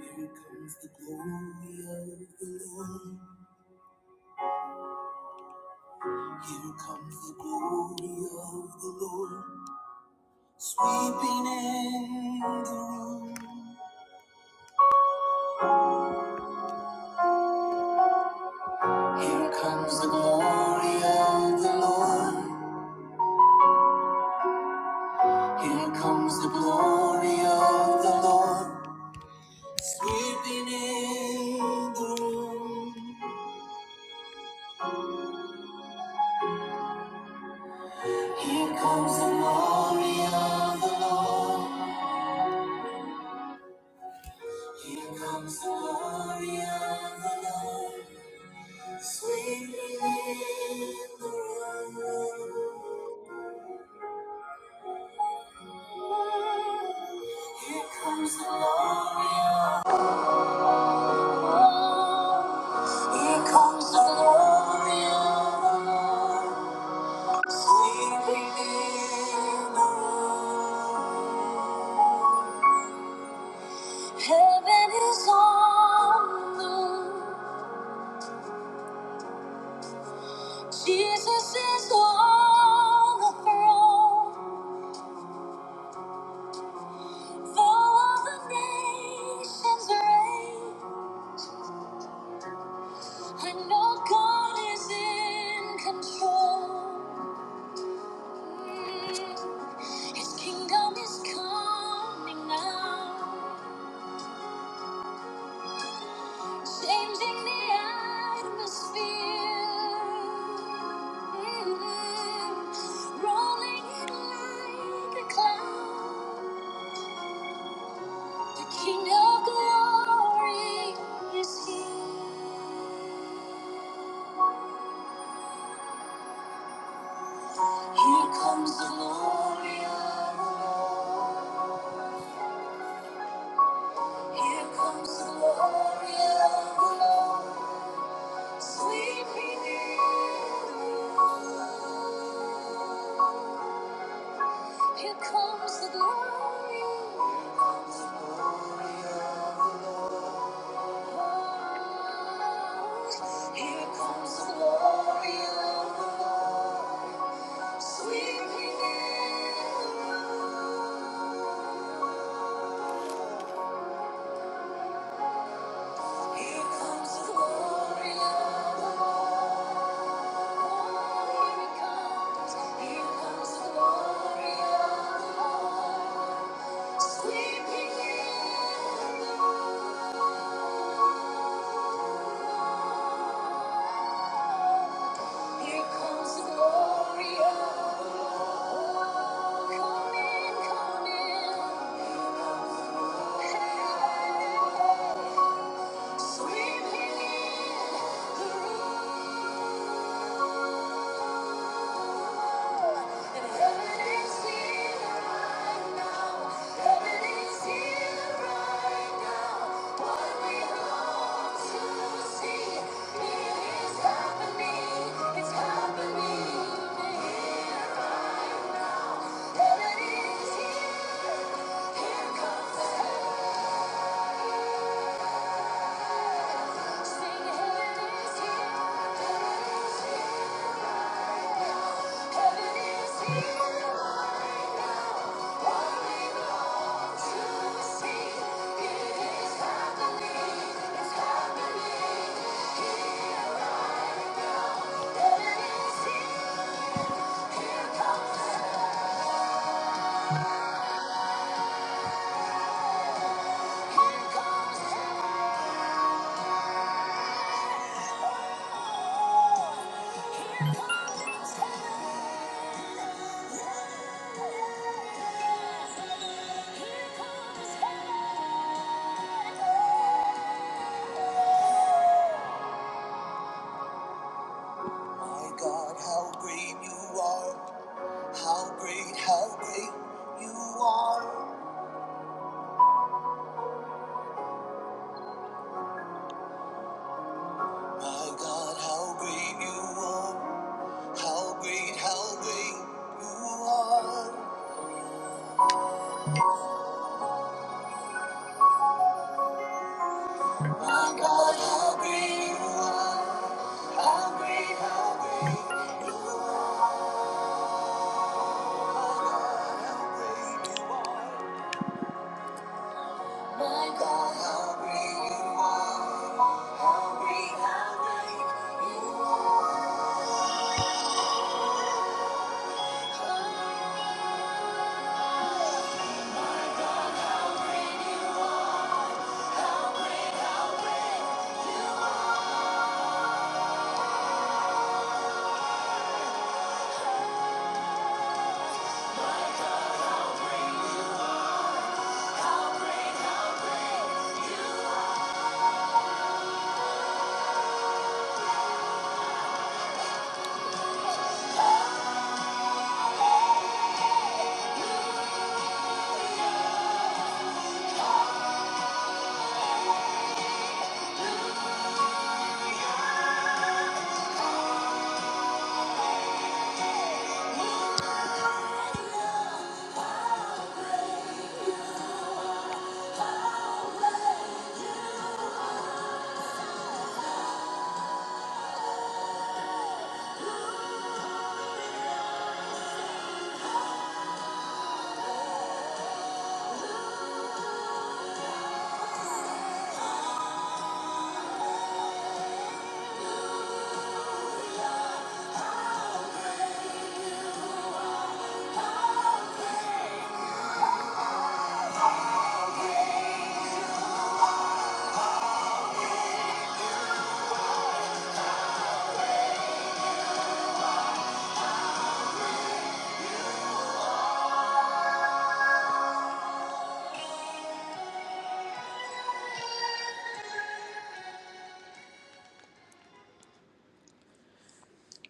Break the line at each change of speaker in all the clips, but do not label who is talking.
Here comes the glory of the Lord. Here comes the glory of the Lord. Sweeping in the room. Here comes the glory of the Lord. Here comes the glory of the Lord. Sweeping in the room. Here comes the glory of the Lord. Here comes the glory of the Lord, sweetly in the room. Here comes the glory of the Lord. Here comes the glory of the Lord, sweetly in the room. Heaven is on the move. Jesus is on the throne, though all the nations reign. I know God is in control. Mm, His kingdom is coming now, changing the atmosphere. Mm, Rolling it like a cloud. The King of Glory is here. Here comes the glory of the Lord. Here comes the glory of the Lord. Sweet Redeemer. Here comes the glory. Here comes the glory of the Lord. Sweet Redeemer. Here comes the glory Here comes. the glory Sweeping in Here comes the glory of the Lord. Come in, come Hey, sweeping in the room. Heaven is here right now. What we My God, how great you are! How great, how great you are! My God, how great you are! How great, how great you are! My God, how great you are!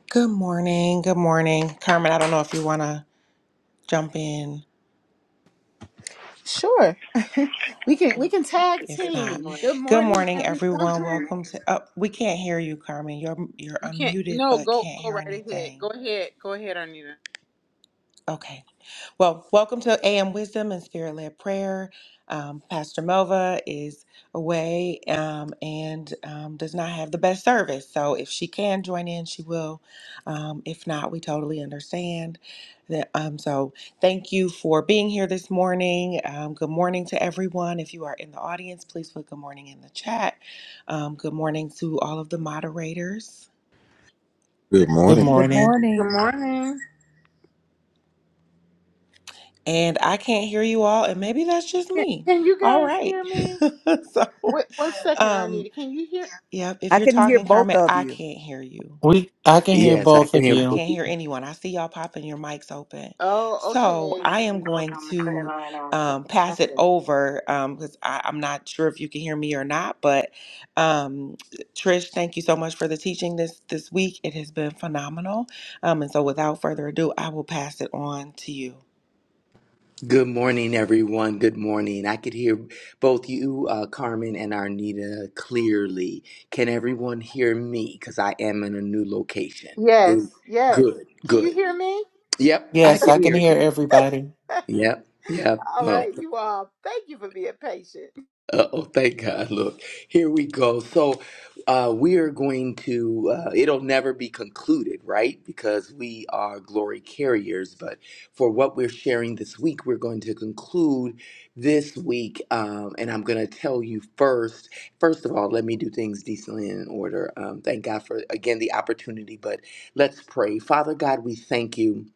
Good morning, good morning. Carmen, I don't know if you want to jump in.
Sure. We can we can tag Good
If not,
team. morning. Good
good
morning,
morning,
everyone.
everyone. Welcome to. Oh, we can't hear you, Carmen. You're you're
You can't.
unmuted,
No,
but
go
can't
go
hear
right ahead.
anything.
Go ahead. Go ahead, Arnita.
Okay. Well, welcome to AM Wisdom and Spirit Led Prayer. Um, Pastor Melva is away um, and um, does not have the best service. So if she can join in, she will. Um, if not, we totally understand. That, um, so thank you for being here this morning. Um, good morning to everyone. If you are in the audience, please put good morning in the chat. Um, good morning to all of the moderators.
Good
Good
morning.
Amen.
Good
morning.
Good
morning.
morning.
And I can't hear you all, and maybe that's just
Can,
me.
can you
All
guys
right.
hear me?
so.
Wait one second,
Um,
Arnita. Can you hear?
yeah, if
I
you're
can hear
talking,
both
Carmen,
of
I
you.
can't hear you.
We I can hear
Yes, I
both
can
of
hear
I
both. of
you.
can't
you.
hear anyone. I see y'all popping your mics open.
Oh,
So
okay.
I
We
am
can both
going
on the prayer
to
line also.
um, pass it
Okay.
over because I I'm not sure if you can hear me or not. But um, Trish, thank you so much for the teaching this this week. It has been phenomenal. Um, and so without further ado, I will pass it on to you.
Good morning, everyone. Good morning. I could hear both you, uh, Carmen, and Arnita clearly. Can everyone hear me? Because I am in a new location.
Yes,
Mm.
yes.
Good,
Can you
good.
hear me?
Yep, I
Yes,
can
I can
hear
hear
you.
everybody.
Yep,
All
yep.
right, you all. Thank you for being patient.
Uh, oh, thank God. Look, here we go. So, uh, we are going to, uh, it'll never be concluded, right? Because we are glory carriers. But for what we're sharing this week, we're going to conclude this week. Um, and I'm going to tell you first, first of all, let me do things decently and in order. Um, thank God for, again, the opportunity. But let's pray. Father God, we thank you.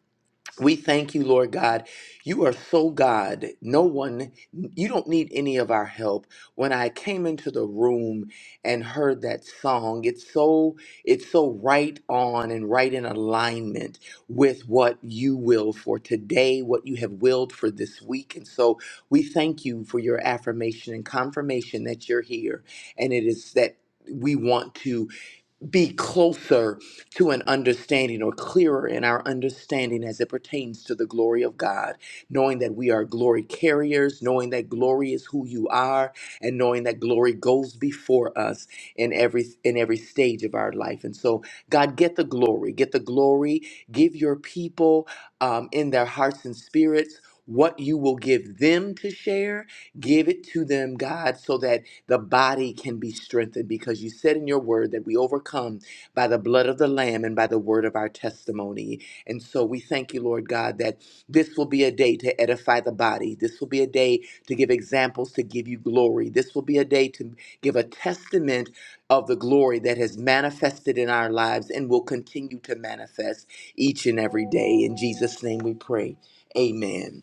We thank you, Lord God. You are so God. No one, you don't need any of our help. When I came into the room and heard that song, it's so, it's so right on and right in alignment with what you will for today, what you have willed for this week. And so we thank you for your affirmation and confirmation that you're here. And it is that we want to be closer to an understanding or clearer in our understanding as it pertains to the glory of God, knowing that we are glory carriers, knowing that glory is who you are, and knowing that glory goes before us in every in every stage of our life. And so, God, get the glory, get the glory, give your people um, in their hearts and spirits. What you will give them to share, give it to them, God, so that the body can be strengthened because you said in your word that we overcome by the blood of the Lamb and by the word of our testimony. And so we thank you, Lord God, that this will be a day to edify the body. This will be a day to give examples, to give you glory. This will be a day to give a testament of the glory that has manifested in our lives and will continue to manifest each and every day. In Jesus' name we pray. Amen.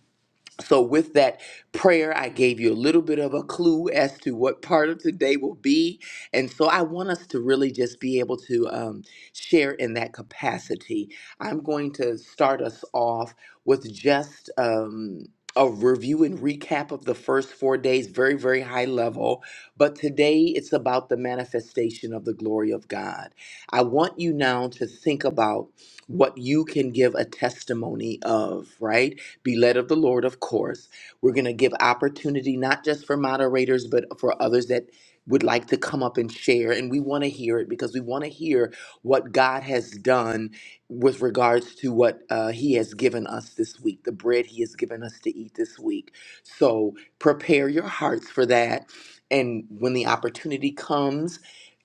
So, with that prayer, I gave you a little bit of a clue as to what part of today will be. And so, I want us to really just be able to um, share in that capacity. I'm going to start us off with just um, a review and recap of the first four days, very, very high level. But today, it's about the manifestation of the glory of God. I want you now to think about what you can give a testimony of, right? Be led of the Lord, of course. We're going to give opportunity not just for moderators, but for others that would like to come up and share. And we want to hear it because we want to hear what God has done with regards to what uh, He has given us this week, the bread He has given us to eat this week. So prepare your hearts for that. And when the opportunity comes,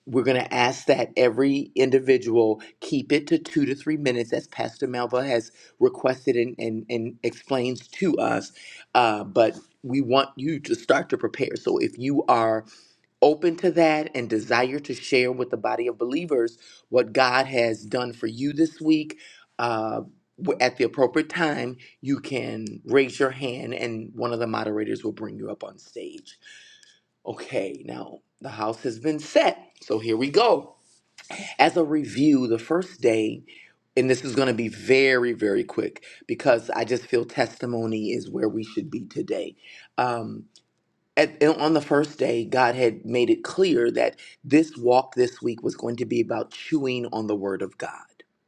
we're going to ask that every individual keep it to two to three minutes, as Pastor Melva has requested and, and, and explains to us. Uh, but we want you to start to prepare. So if you are open to that and desire to share with the body of believers what God has done for you this week, uh, w- at the appropriate time, you can raise your hand and one of the moderators will bring you up on stage. Okay, now the house has been set. So here we go. As a review, the first day, and this is going to be very, very quick because I just feel testimony is where we should be today. Um, at, and on the first day, God had made it clear that this walk this week was going to be about chewing on the Word of God.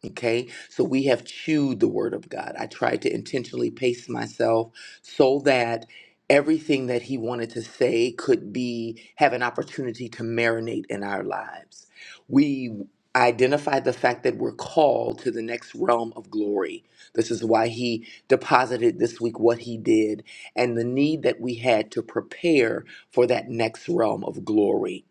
Okay, so we have chewed the Word of God. I tried to intentionally pace myself so that everything that He wanted to say could be have an opportunity to marinate in our lives. We identified the fact that we're called to the next realm of glory. This is why He deposited this week what He did and the need that we had to prepare for that next realm of glory.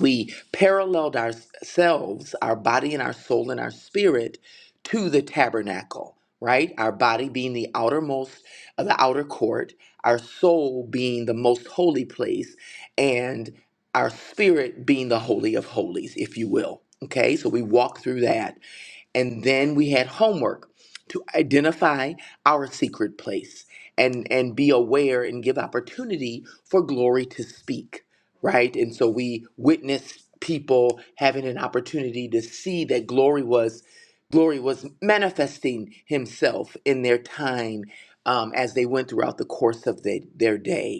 We paralleled ourselves, our body and our soul and our spirit, to the tabernacle, right? Our body being the outermost, uh, the outer court, our soul being the most holy place, and our spirit being the holy of holies, if you will. Okay, so we walk through that and then we had homework to identify our secret place and and be aware and give opportunity for glory to speak right and so we witnessed people having an opportunity to see that glory was glory was manifesting himself in their time um, as they went throughout the course of the, their day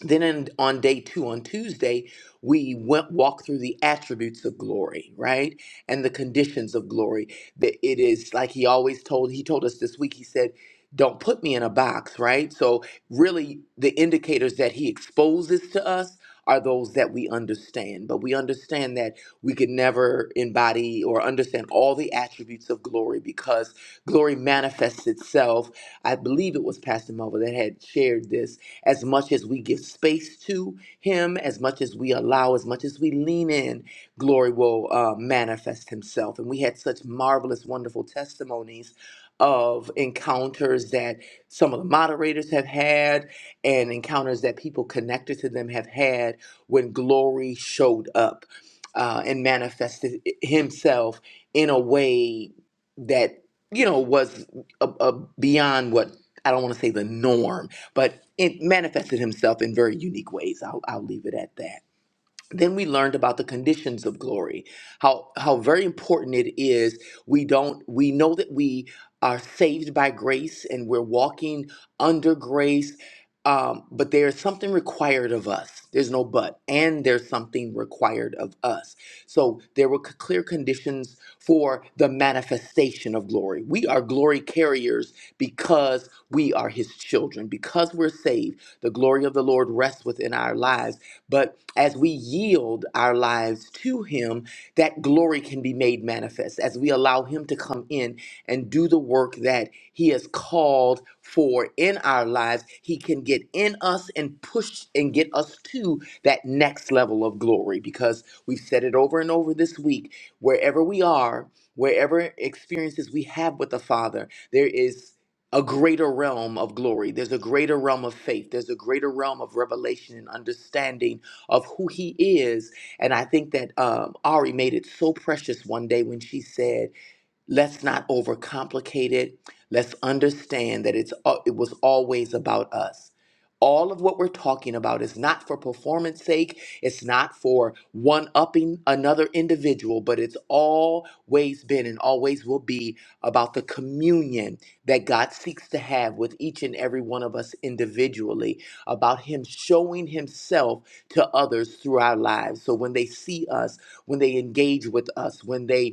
then in, on day two, on Tuesday, we went walked through the attributes of glory, right, and the conditions of glory. That it is like he always told. He told us this week. He said, "Don't put me in a box," right. So really, the indicators that he exposes to us are those that we understand. But we understand that we can never embody or understand all the attributes of glory because glory manifests itself. I believe it was Pastor Melville that had shared this as much as we give space to him, as much as we allow, as much as we lean in, glory will uh, manifest himself. And we had such marvelous, wonderful testimonies of encounters that some of the moderators have had and encounters that people connected to them have had when glory showed up uh, and manifested himself in a way that you know was a, a beyond what I don't want to say the norm, but it manifested himself in very unique ways. I'll, I'll leave it at that then we learned about the conditions of glory how how very important it is we don't we know that we are saved by grace and we're walking under grace um, but there's something required of us there's no but and there's something required of us so there were c- clear conditions for the manifestation of glory we are glory carriers because we are his children because we're saved the glory of the lord rests within our lives but as we yield our lives to Him, that glory can be made manifest as we allow Him to come in and do the work that He has called for in our lives. He can get in us and push and get us to that next level of glory because we've said it over and over this week. Wherever we are, wherever experiences we have with the Father, there is a greater realm of glory. There's a greater realm of faith. There's a greater realm of revelation and understanding of who he is. And I think that um, Ari made it so precious one day when she said, let's not overcomplicate it. Let's understand that it's al- it was always about us. All of what we're talking about is not for performance sake, it's not for one upping another individual, but it's always been and always will be about the communion that God seeks to have with each and every one of us individually, about Him showing Himself to others through our lives. So when they see us, when they engage with us, when they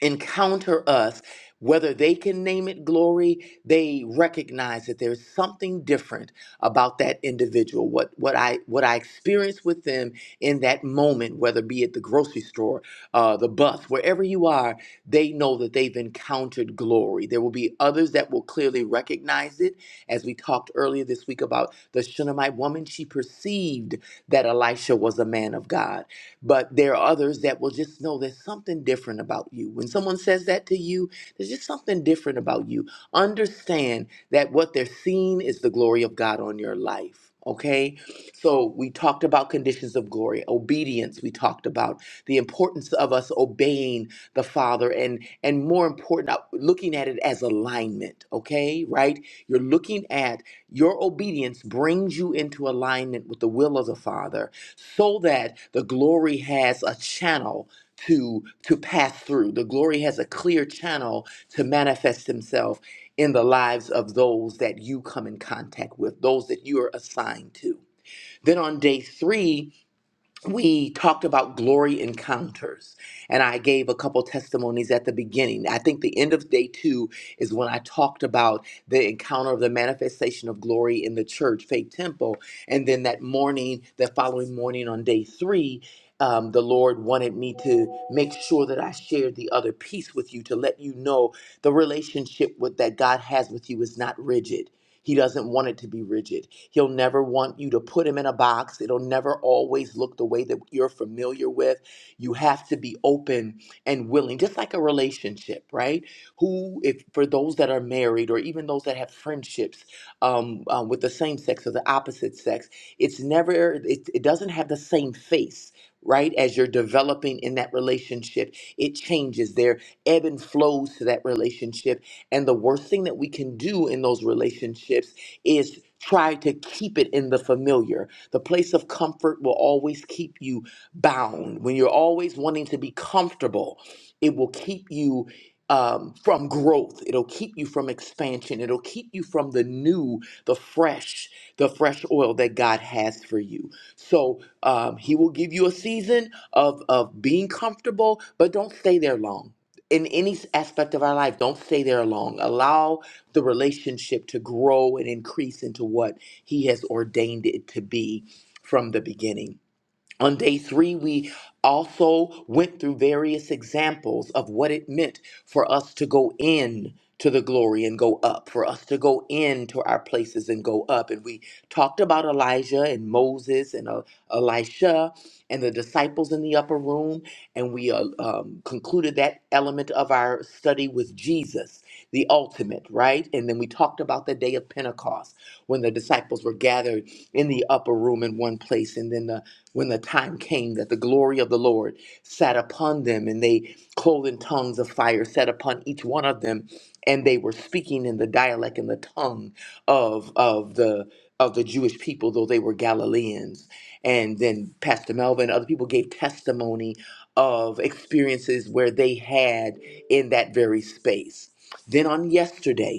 encounter us, whether they can name it glory, they recognize that there's something different about that individual. What what I what I experience with them in that moment, whether be at the grocery store, uh, the bus, wherever you are, they know that they've encountered glory. There will be others that will clearly recognize it. As we talked earlier this week about the Shunammite woman, she perceived that Elisha was a man of God. But there are others that will just know there's something different about you. When someone says that to you, there's just something different about you. Understand that what they're seeing is the glory of God on your life. Okay, so we talked about conditions of glory, obedience. We talked about the importance of us obeying the Father, and and more important, uh, looking at it as alignment. Okay, right? You're looking at your obedience brings you into alignment with the will of the Father, so that the glory has a channel to to pass through the glory has a clear channel to manifest himself in the lives of those that you come in contact with those that you are assigned to then on day 3 we talked about glory encounters and i gave a couple testimonies at the beginning i think the end of day two is when i talked about the encounter of the manifestation of glory in the church faith temple and then that morning that following morning on day three um, the lord wanted me to make sure that i shared the other piece with you to let you know the relationship with, that god has with you is not rigid he doesn't want it to be rigid He'll never want you to put him in a box. It'll never always look the way that you're familiar with. You have to be open and willing, just like a relationship, right? Who, if for those that are married or even those that have friendships um, um, with the same sex or the opposite sex, it's never, it, it doesn't have the same face. Right as you're developing in that relationship, it changes. There ebb and flows to that relationship, and the worst thing that we can do in those relationships is try to keep it in the familiar. The place of comfort will always keep you bound. When you're always wanting to be comfortable, it will keep you um, from growth. It'll keep you from expansion. It'll keep you from the new, the fresh, the fresh oil that God has for you. So um, He will give you a season of of being comfortable, but don't stay there long. In any aspect of our life, don't stay there long. Allow the relationship to grow and increase into what He has ordained it to be from the beginning. On day three, we also went through various examples of what it meant for us to go in to the glory and go up, for us to go into our places and go up. And we talked about Elijah and Moses and uh, Elisha and the disciples in the upper room. And we uh, um, concluded that element of our study with Jesus, the ultimate, right? And then we talked about the day of Pentecost when the disciples were gathered in the upper room in one place. And then the when the time came that the glory of the Lord sat upon them, and they clothed in tongues of fire sat upon each one of them, and they were speaking in the dialect and the tongue of of the of the Jewish people, though they were Galileans. And then Pastor Melvin and other people gave testimony of experiences where they had in that very space. Then on yesterday,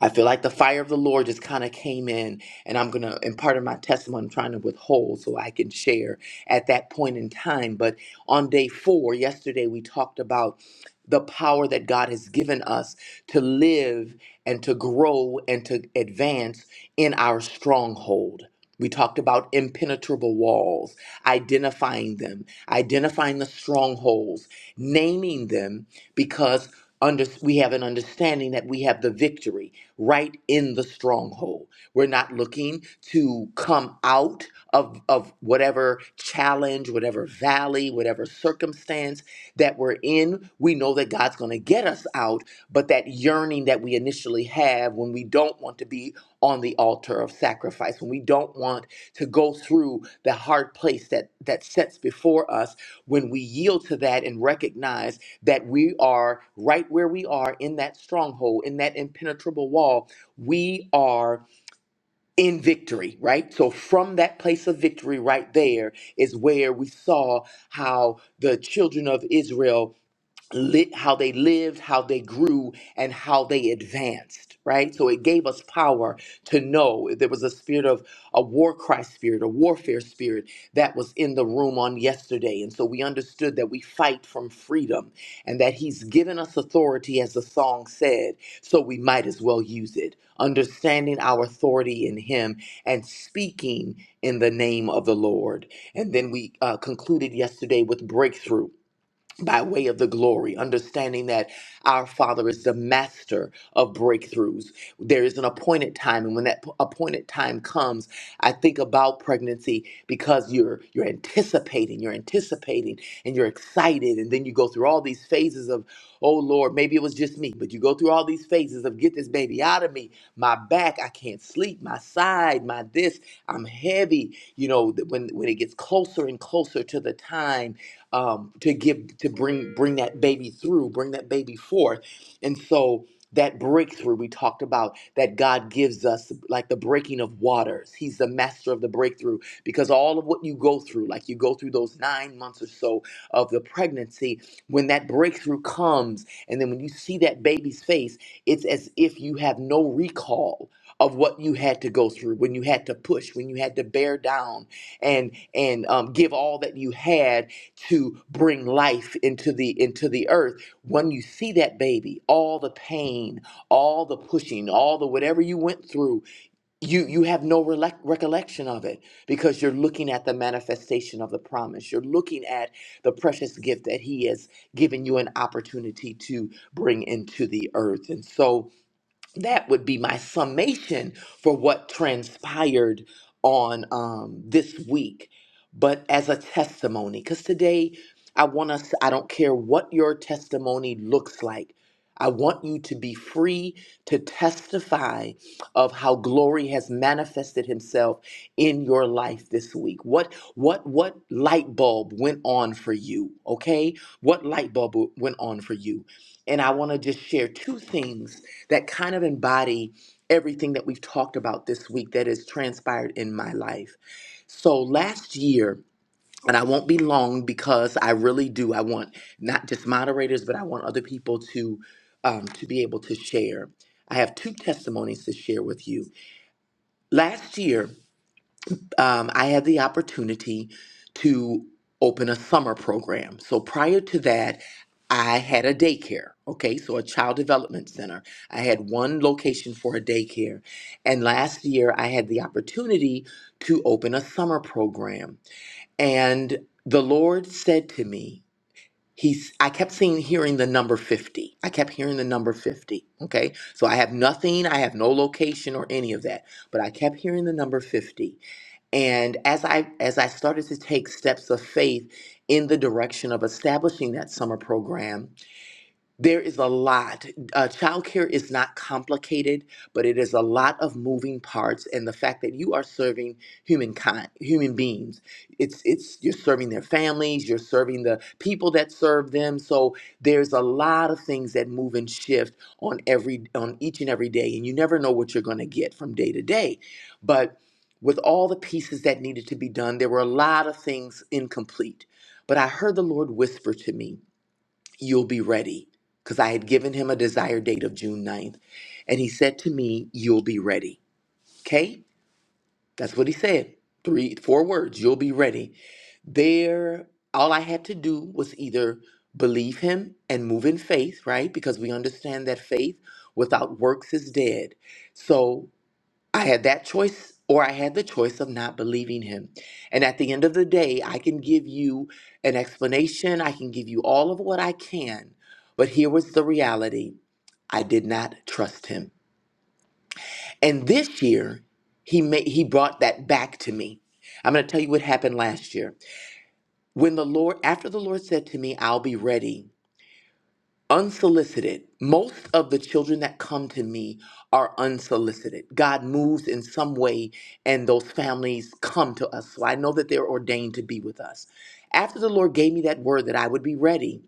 I feel like the fire of the Lord just kind of came in, and I'm going to, and part of my testimony, I'm trying to withhold so I can share at that point in time. But on day four, yesterday, we talked about the power that God has given us to live and to grow and to advance in our stronghold. We talked about impenetrable walls, identifying them, identifying the strongholds, naming them because under, we have an understanding that we have the victory right in the stronghold. We're not looking to come out of, of whatever challenge, whatever valley, whatever circumstance that we're in. We know that God's going to get us out, but that yearning that we initially have when we don't want to be on the altar of sacrifice, when we don't want to go through the hard place that, that sets before us when we yield to that and recognize that we are right where we are in that stronghold, in that impenetrable wall, we are in victory, right? So, from that place of victory, right there is where we saw how the children of Israel li- how they lived, how they grew, and how they advanced, right? So it gave us power to know there was a spirit of a war cry spirit, a warfare spirit that was in the room on yesterday. And so we understood that we fight from freedom and that He's given us authority, as the song said, so we might as well use it. Understanding our authority in Him and speaking in the name of the Lord. And then we uh, concluded yesterday with breakthrough by way of the glory, understanding that our Father is the master of breakthroughs. There is an appointed time, and when that p- appointed time comes, I think about pregnancy because you're you're anticipating, you're anticipating, and you're excited, and then you go through all these phases of, oh Lord, maybe it was just me, but you go through all these phases of get this baby out of me, my back, I can't sleep, my side, my this, I'm heavy. You know, th- when when it gets closer and closer to the time um, to give to bring bring that baby through, bring that baby forth, and so that breakthrough we talked about that God gives us, like the breaking of waters. He's the master of the breakthrough because all of what you go through, like you go through those nine months or so of the pregnancy, when that breakthrough comes, and then when you see that baby's face, it's as if you have no recall of what you had to go through when you had to push when you had to bear down and and um, give all that you had to bring life into the into the earth when you see that baby all the pain all the pushing all the whatever you went through you you have no relec recollection of it because you're looking at the manifestation of the promise you're looking at the precious gift that he has given you an opportunity to bring into the earth and so that would be my summation for what transpired on um, this week, but as a testimony, because today I want us, I don't care what your testimony looks like. I want you to be free to testify of how glory has manifested himself in your life this week. What what what light bulb went on for you, okay? What light bulb went on for you? And I want to just share two things that kind of embody everything that we've talked about this week that has transpired in my life. So last year, and I won't be long because I really do. I want not just moderators, but I want other people to um, to be able to share. I have two testimonies to share with you. Last year, um, I had the opportunity to open a summer program. So prior to that, I had a daycare, okay, so a child development center. I had one location for a daycare. And last year, I had the opportunity to open a summer program. And the Lord said to me, He's, I kept seeing, hearing the number 50. I kept hearing the number 50. Okay. So I have nothing. I have no location or any of that. But I kept hearing the number 50 and as i as i started to take steps of faith in the direction of establishing that summer program there is a lot. Uh, childcare is not complicated, but it is a lot of moving parts, and the fact that you are serving humankind, human beings, it's it's you're serving their families, you're serving the people that serve them. So there's a lot of things that move and shift on every on each and every day, and you never know what you're going to get from day to day. But with all the pieces that needed to be done, there were a lot of things incomplete. But I heard the Lord whisper to me you'll be ready. Because I had given him a desired date of June ninth, And he said to me, You'll be ready. Okay? That's what he said. Three, four words, you'll be ready. There, all I had to do was either believe him and move in faith, right? Because we understand that faith without works is dead. So I had that choice, or I had the choice of not believing him. And at the end of the day, I can give you an explanation, I can give you all of what I can, but here was the reality I did not trust him. And this year, he, made, he brought that back to me. I'm going to tell you what happened last year. When the Lord, after the Lord said to me, I'll be ready, unsolicited. Most of the children that come to me are unsolicited. God moves in some way, and those families come to us. So I know that they're ordained to be with us. After the Lord gave me that word that I would be ready,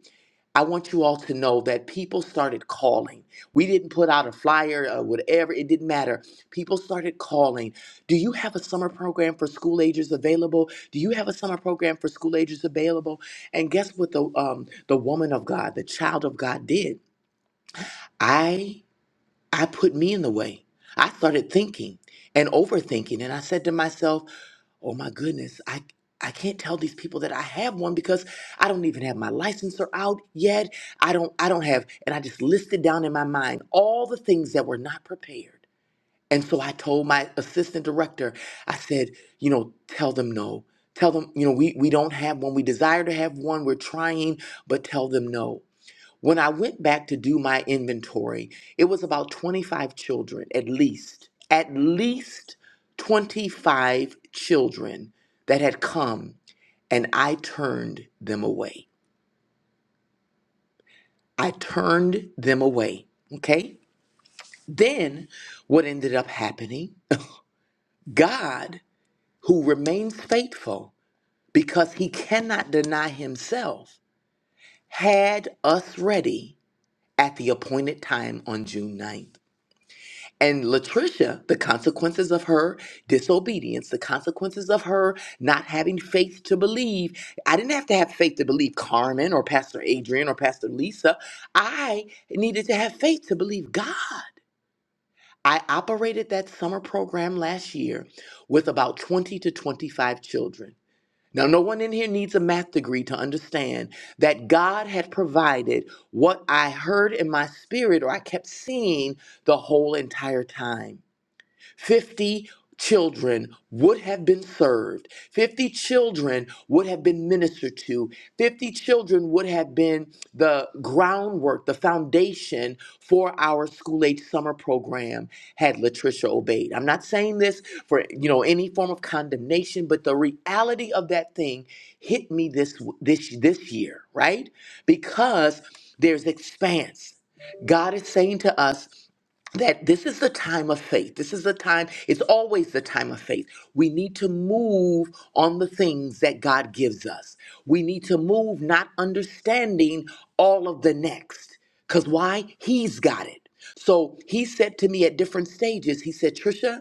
I want you all to know that people started calling. We didn't put out a flyer or whatever, it didn't matter. People started calling. Do you have a summer program for school agers available? Do you have a summer program for school agers available? And guess what the um the woman of God, the child of God did? I I put me in the way. I started thinking and overthinking and I said to myself, oh my goodness, I I can't tell these people that I have one because I don't even have my licensor out yet. I don't I don't have and I just listed down in my mind all the things that were not prepared. And so I told my assistant director, I said, you know, tell them no. Tell them, you know, we, we don't have one. We desire to have one. We're trying, but tell them no. When I went back to do my inventory, it was about 25 children, at least, at least 25 children that had come, and I turned them away. I turned them away. Okay? Then what ended up happening? God, who remains faithful because he cannot deny himself, had us ready at the appointed time on June ninth. And Latricia, the consequences of her disobedience, the consequences of her not having faith to believe. I didn't have to have faith to believe Carmen or Pastor Adrian or Pastor Lisa. I needed to have faith to believe God. I operated that summer program last year with about 20 to 25 children. Now, no one in here needs a math degree to understand that God had provided what I heard in my spirit or I kept seeing the whole entire time. 50 children would have been served, 50 children would have been ministered to, 50 children would have been the groundwork, the foundation for our school age summer program had Latricia obeyed. I'm not saying this for you know any form of condemnation, but the reality of that thing hit me this this this year, right? Because there's expanse. God is saying to us that this is the time of faith. This is the time, it's always the time of faith. We need to move on the things that God gives us. We need to move not understanding all of the next. Because why? He's got it. So he said to me at different stages, he said, Trisha,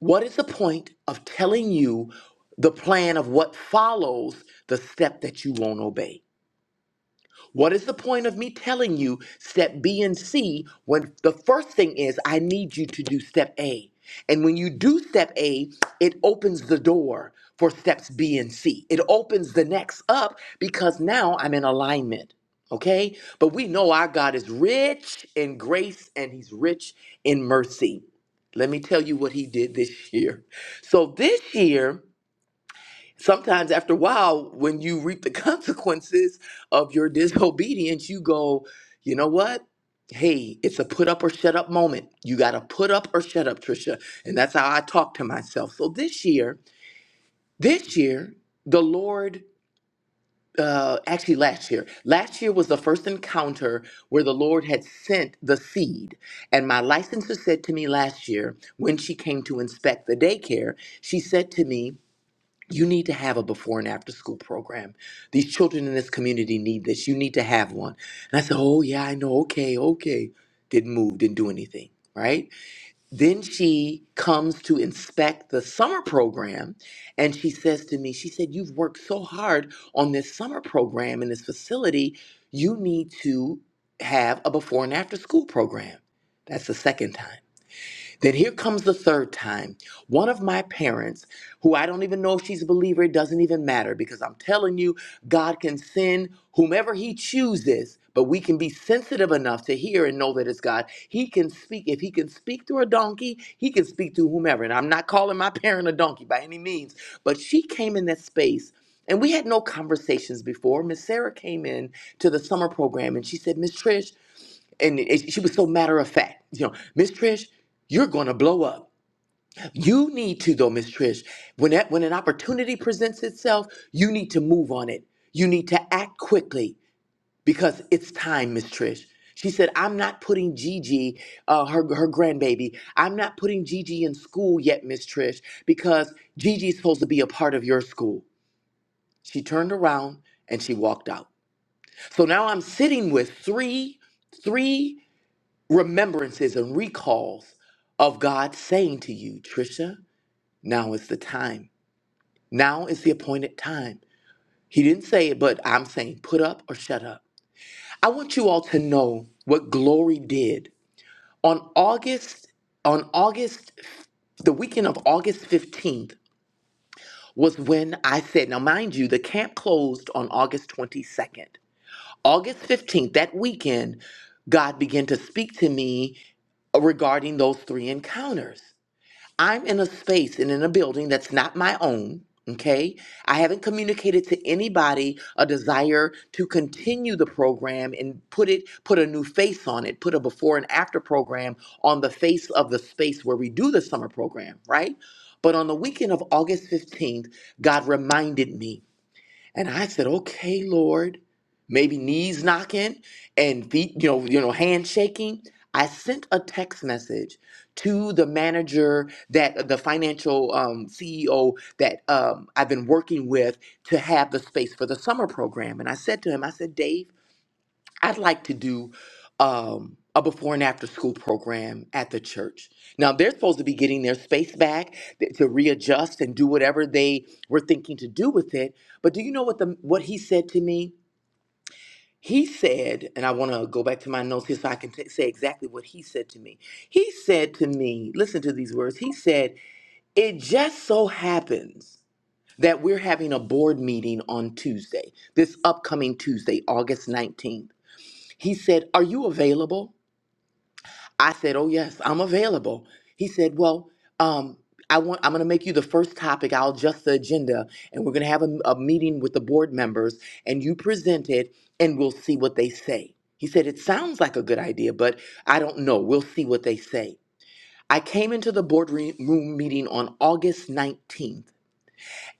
what is the point of telling you the plan of what follows the step that you won't obey? What is the point of me telling you step B and C when the first thing is I need you to do step A? And when you do step A, it opens the door for steps B and C. It opens the next up because now I'm in alignment. Okay? But we know our God is rich in grace and he's rich in mercy. Let me tell you what he did this year. So this year, sometimes after a while when you reap the consequences of your disobedience you go you know what hey it's a put up or shut up moment you got to put up or shut up trisha and that's how i talk to myself so this year this year the lord uh actually last year last year was the first encounter where the lord had sent the seed and my licensor said to me last year when she came to inspect the daycare she said to me you need to have a before and after school program. These children in this community need this. You need to have one. And I said, Oh, yeah, I know. Okay, okay. Didn't move, didn't do anything, right? Then she comes to inspect the summer program and she says to me, She said, You've worked so hard on this summer program in this facility. You need to have a before and after school program. That's the second time that here comes the third time. One of my parents, who I don't even know if she's a believer, it doesn't even matter because I'm telling you, God can send whomever He chooses, but we can be sensitive enough to hear and know that it's God. He can speak. If He can speak through a donkey, He can speak through whomever. And I'm not calling my parent a donkey by any means, but she came in that space. And we had no conversations before. Miss Sarah came in to the summer program and she said, Miss Trish, and it, she was so matter of fact. You know, Miss Trish, you're gonna blow up. You need to though, Miss Trish. When that, when an opportunity presents itself, you need to move on it. You need to act quickly because it's time, Miss Trish. She said, "I'm not putting Gigi, uh, her her grandbaby. I'm not putting Gigi in school yet, Miss Trish, because Gigi's supposed to be a part of your school." She turned around and she walked out. So now I'm sitting with three, three remembrances and recalls of God saying to you, Trisha, now is the time. Now is the appointed time. He didn't say it, but I'm saying put up or shut up. I want you all to know what glory did. On August, on August, the weekend of August 15th was when I said, now mind you, the camp closed on August 22nd. August 15th, that weekend, God began to speak to me regarding those three encounters. I'm in a space and in a building that's not my own. Okay. I haven't communicated to anybody a desire to continue the program and put it, put a new face on it, put a before and after program on the face of the space where we do the summer program, right? But on the weekend of August 15th, God reminded me and I said, okay, Lord, maybe knees knocking and feet, you know, you know, handshaking. I sent a text message to the manager that the financial um, CEO that um, I've been working with to have the space for the summer program. And I said to him, I said, Dave, I'd like to do um, a before and after school program at the church. Now, they're supposed to be getting their space back th- to readjust and do whatever they were thinking to do with it. But do you know what the what he said to me? He said, and I want to go back to my notes here so I can t- say exactly what he said to me. He said to me, listen to these words. He said, "It just so happens that we're having a board meeting on Tuesday, this upcoming Tuesday, August 19th. He said, Are you available? I said, Oh, yes, I'm available. He said, Well, um, I want, I'm going to make you the first topic. I'll adjust the agenda and we're going to have a, a meeting with the board members and you present it and we'll see what they say. He said, It sounds like a good idea, but I don't know. We'll see what they say. I came into the boardroom meeting on August 19th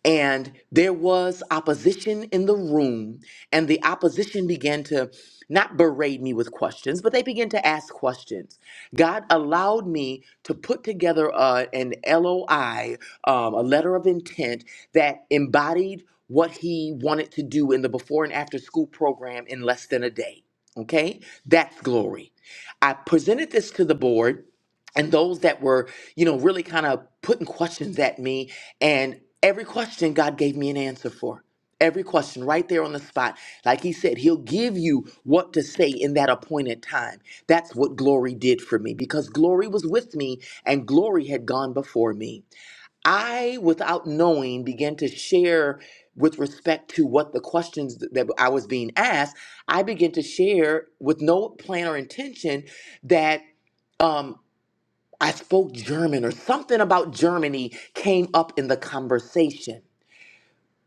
and there was opposition in the room and the opposition began to not berate me with questions but they began to ask questions god allowed me to put together uh, an loi um, a letter of intent that embodied what he wanted to do in the before and after school program in less than a day okay that's glory i presented this to the board and those that were you know really kind of putting questions at me and every question God gave me an answer for. Every question right there on the spot. Like he said, he'll give you what to say in that appointed time. That's what glory did for me because glory was with me and glory had gone before me. I, without knowing, began to share with respect to what the questions th- that I was being asked. I began to share with no plan or intention that. um, I spoke German or something about Germany came up in the conversation.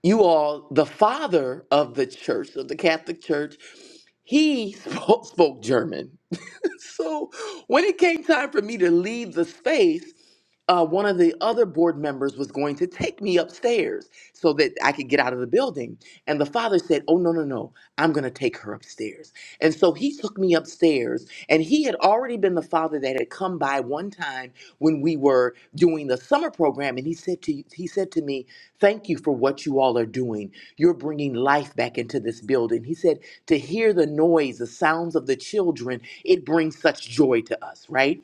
You all, the father of the church, of the Catholic Church, he spoke, spoke German. So when it came time for me to leave the space, uh, one of the other board members was going to take me upstairs so that I could get out of the building. And the father said, Oh, no, no, no, I'm going to take her upstairs. And so he took me upstairs, and he had already been the father that had come by one time when we were doing the summer program. And he said to he said to me, "Thank you for what you all are doing. You're bringing life back into this building." He said, "To hear the noise, the sounds of the children, it brings such joy to us, right?"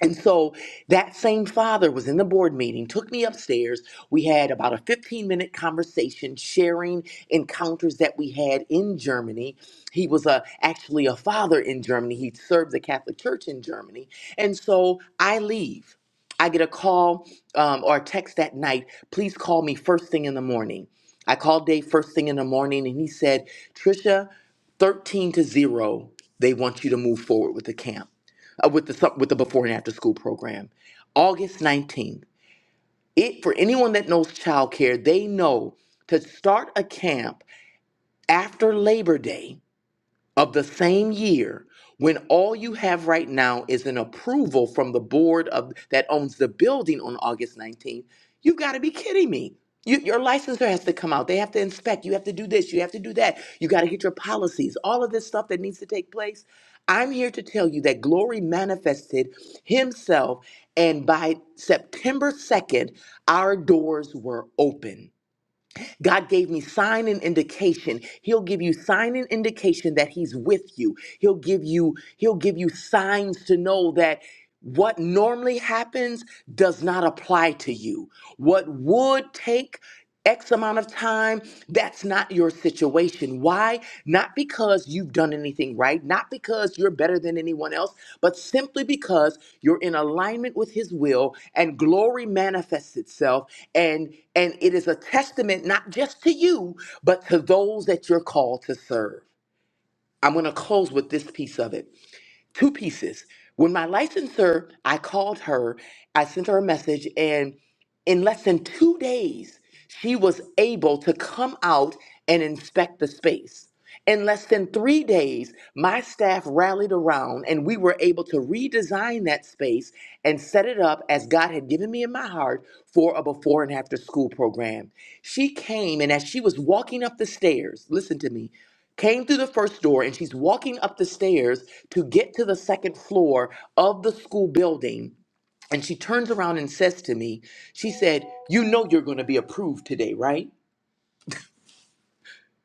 And so that same father was in the board meeting, took me upstairs. We had about a 15 minute conversation sharing encounters that we had in Germany. He was a, actually a father in Germany, he served the Catholic Church in Germany. And so I leave. I get a call um, or a text that night please call me first thing in the morning. I called Dave first thing in the morning and he said, Trisha, 13 to 0, they want you to move forward with the camp uh, with the sup- with the before and after school program. August 19th. It for anyone that knows childcare, they know to start a camp after Labor Day of the same year when all you have right now is an approval from the board of that owns the building on August 19th, you've got to be kidding me. You, your licensor has to come out. They have to inspect. You have to do this. You have to do that. You got to get your policies. All of this stuff that needs to take place. I'm here to tell you that Glory manifested himself, and by September 2nd, our doors were open. God gave me sign and indication. He'll give you sign and indication that he's with you. He'll give you he'll give you signs to know that what normally happens does not apply to you. What would take X amount of time, that's not your situation. Why? Not because you've done anything right, not because you're better than anyone else, but simply because you're in alignment with his will and glory manifests itself and and it is a testament not just to you, but to those that you're called to serve. I'm going to close with this piece of it two pieces. When my licensor, I called her, I sent her a message, and in less than two days, she was able to come out and inspect the space. In less than three days, my staff rallied around and we were able to redesign that space and set it up as God had given me in my heart for a before and after school program. She came, and as she was walking up the stairs, listen to me, came through the first door and she's walking up the stairs to get to the second floor of the school building. And she turns around and says to me, She said, You know you're going to be approved today, right?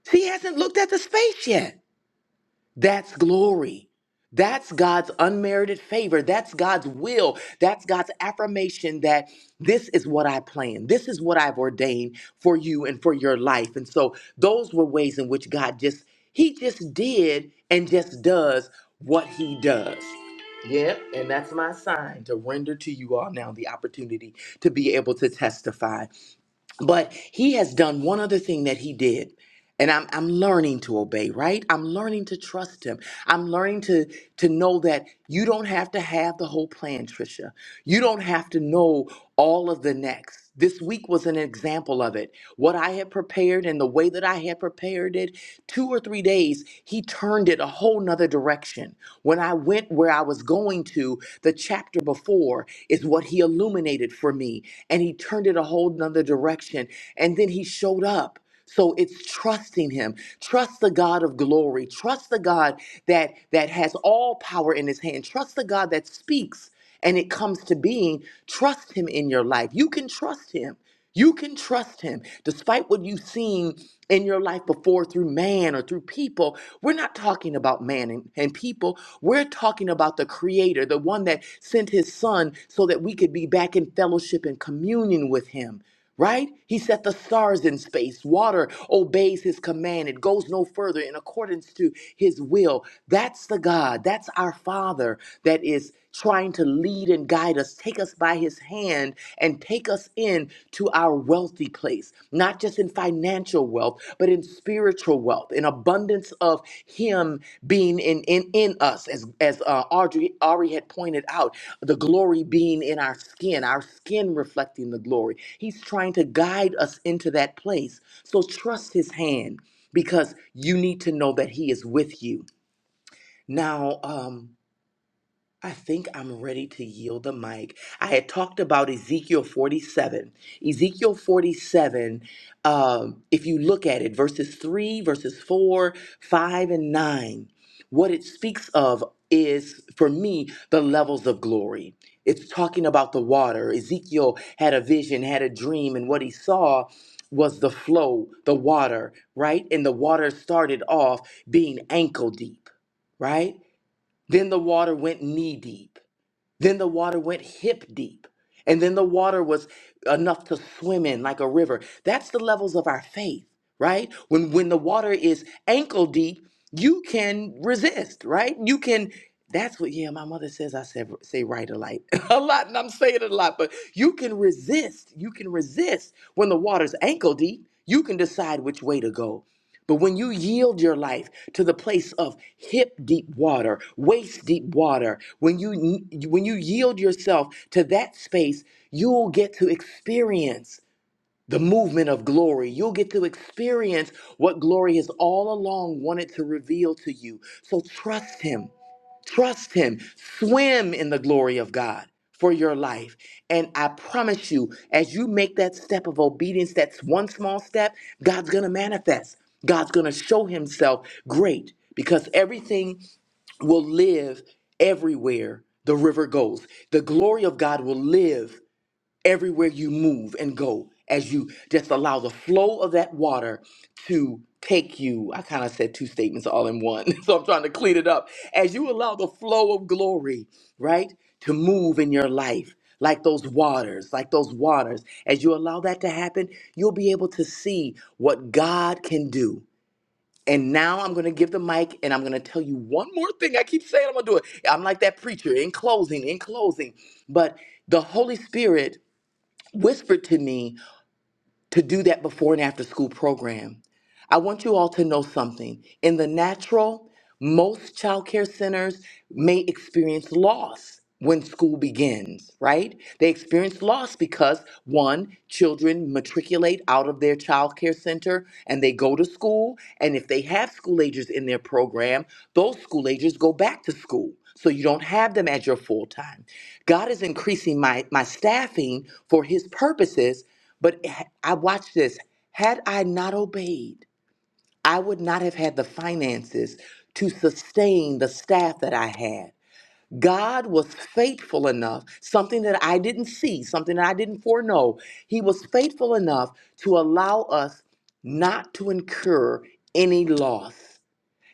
She hasn't looked at the space yet. That's glory. That's God's unmerited favor. That's God's will. That's God's affirmation that this is what I plan. This is what I've ordained for you and for your life. And so those were ways in which God just, He just did and just does what He does. Yep, and that's my sign to render to you all now the opportunity to be able to testify. But he has done one other thing that he did. And I'm, I'm learning to obey, right? I'm learning to trust him. I'm learning to, to know that you don't have to have the whole plan, Tricia. You don't have to know all of the next. This week was an example of it. What I had prepared and the way that I had prepared it, two or three days, he turned it a whole nother direction. When I went where I was going to, the chapter before is what he illuminated for me. And he turned it a whole nother direction. And then he showed up. So it's trusting him. Trust the God of glory. Trust the God that that has all power in his hand. Trust the God that speaks and it comes to being. Trust him in your life. You can trust him. You can trust him despite what you've seen in your life before through man or through people. We're not talking about man and, and people. We're talking about the creator, the one that sent his son so that we could be back in fellowship and communion with him right? He set the stars in space. Water obeys his command, it goes no further in accordance to his will. That's the God, that's our Father that is trying to lead and guide us, take us by his hand, and take us in to our wealthy place, not just in financial wealth, but in spiritual wealth, in abundance of Him being in in, in us, as as uh, Audrey Ari had pointed out, the glory being in our skin, our skin reflecting the glory. He's trying to guide us into that place. So trust His hand because you need to know that He is with you. Now, um, I think I'm ready to yield the mic. I had talked about Ezekiel 47. Ezekiel 47, um, if you look at it, verses 3, verses 4, 5, and 9, what it speaks of is, for me, the levels of glory. It's talking about the water. Ezekiel had a vision, had a dream, and what he saw was the flow, the water, right? And the water started off being ankle deep right? Then the water went knee deep. Then the water went hip deep. And then the water was enough to swim in like a river. That's the levels of our faith, right? When when the water is ankle deep, you can resist, right? You can that's what yeah, my mother says I said say right a lot. a lot and I'm saying it a lot, but you can resist. You can resist when the water's ankle deep. You can decide which way to go but when you yield your life to the place of hip deep water, waist deep water, when you when you yield yourself to that space, you'll get to experience the movement of glory. You'll get to experience what glory has all along wanted to reveal to you. So trust Him. Trust Him. Swim in the glory of God for your life. And I promise you, as you make that step of obedience, that's one small step, God's going to manifest. God's going to show Himself great because everything will live everywhere the river goes. The glory of God will live everywhere you move and go as you just allow the flow of that water to take you. I kind of said two statements all in one, so I'm trying to clean it up. As you allow the flow of glory, right, to move in your life. Like those waters, like those waters. As you allow that to happen, you'll be able to see what God can do. And now I'm going to give the mic and I'm going to tell you one more thing. I keep saying I'm going to do it. I'm like that preacher in closing, in closing. But the Holy Spirit whispered to me to do that before and after school program. I want you all to know something. In the natural, most child care centers may experience loss when school begins, right? They experience loss because one, children matriculate out of their child care center and they go to school. And if they have school agers in their program, those school agers go back to school. So you don't have them as your full time. God is increasing my, my staffing for his purposes but h- I watch this. Had I not obeyed, I would not have had the finances to sustain the staff that I had. God was faithful enough, something that I didn't see, something that I didn't foreknow. He was faithful enough to allow us not to incur any loss.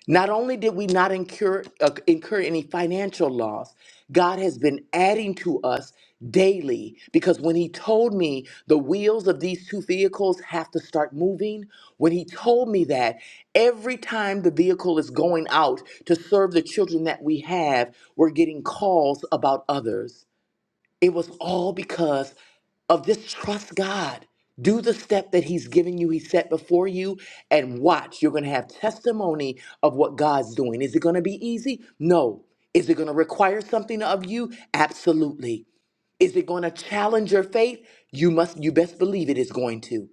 Not only did we not incur, uh, incur any financial loss, God has been adding to us daily because when He told me the wheels of these two vehicles have to start moving, when He told me that every time the vehicle is going out to serve the children that we have, we're getting calls about others. It was all because of this trust God. Do the step that He's giving you, He set before you, and watch. You're going to have testimony of what God's doing. Is it going to be easy? No. Is it going to require something of you? Absolutely. Is it going to challenge your faith? You must, you best believe it is going to.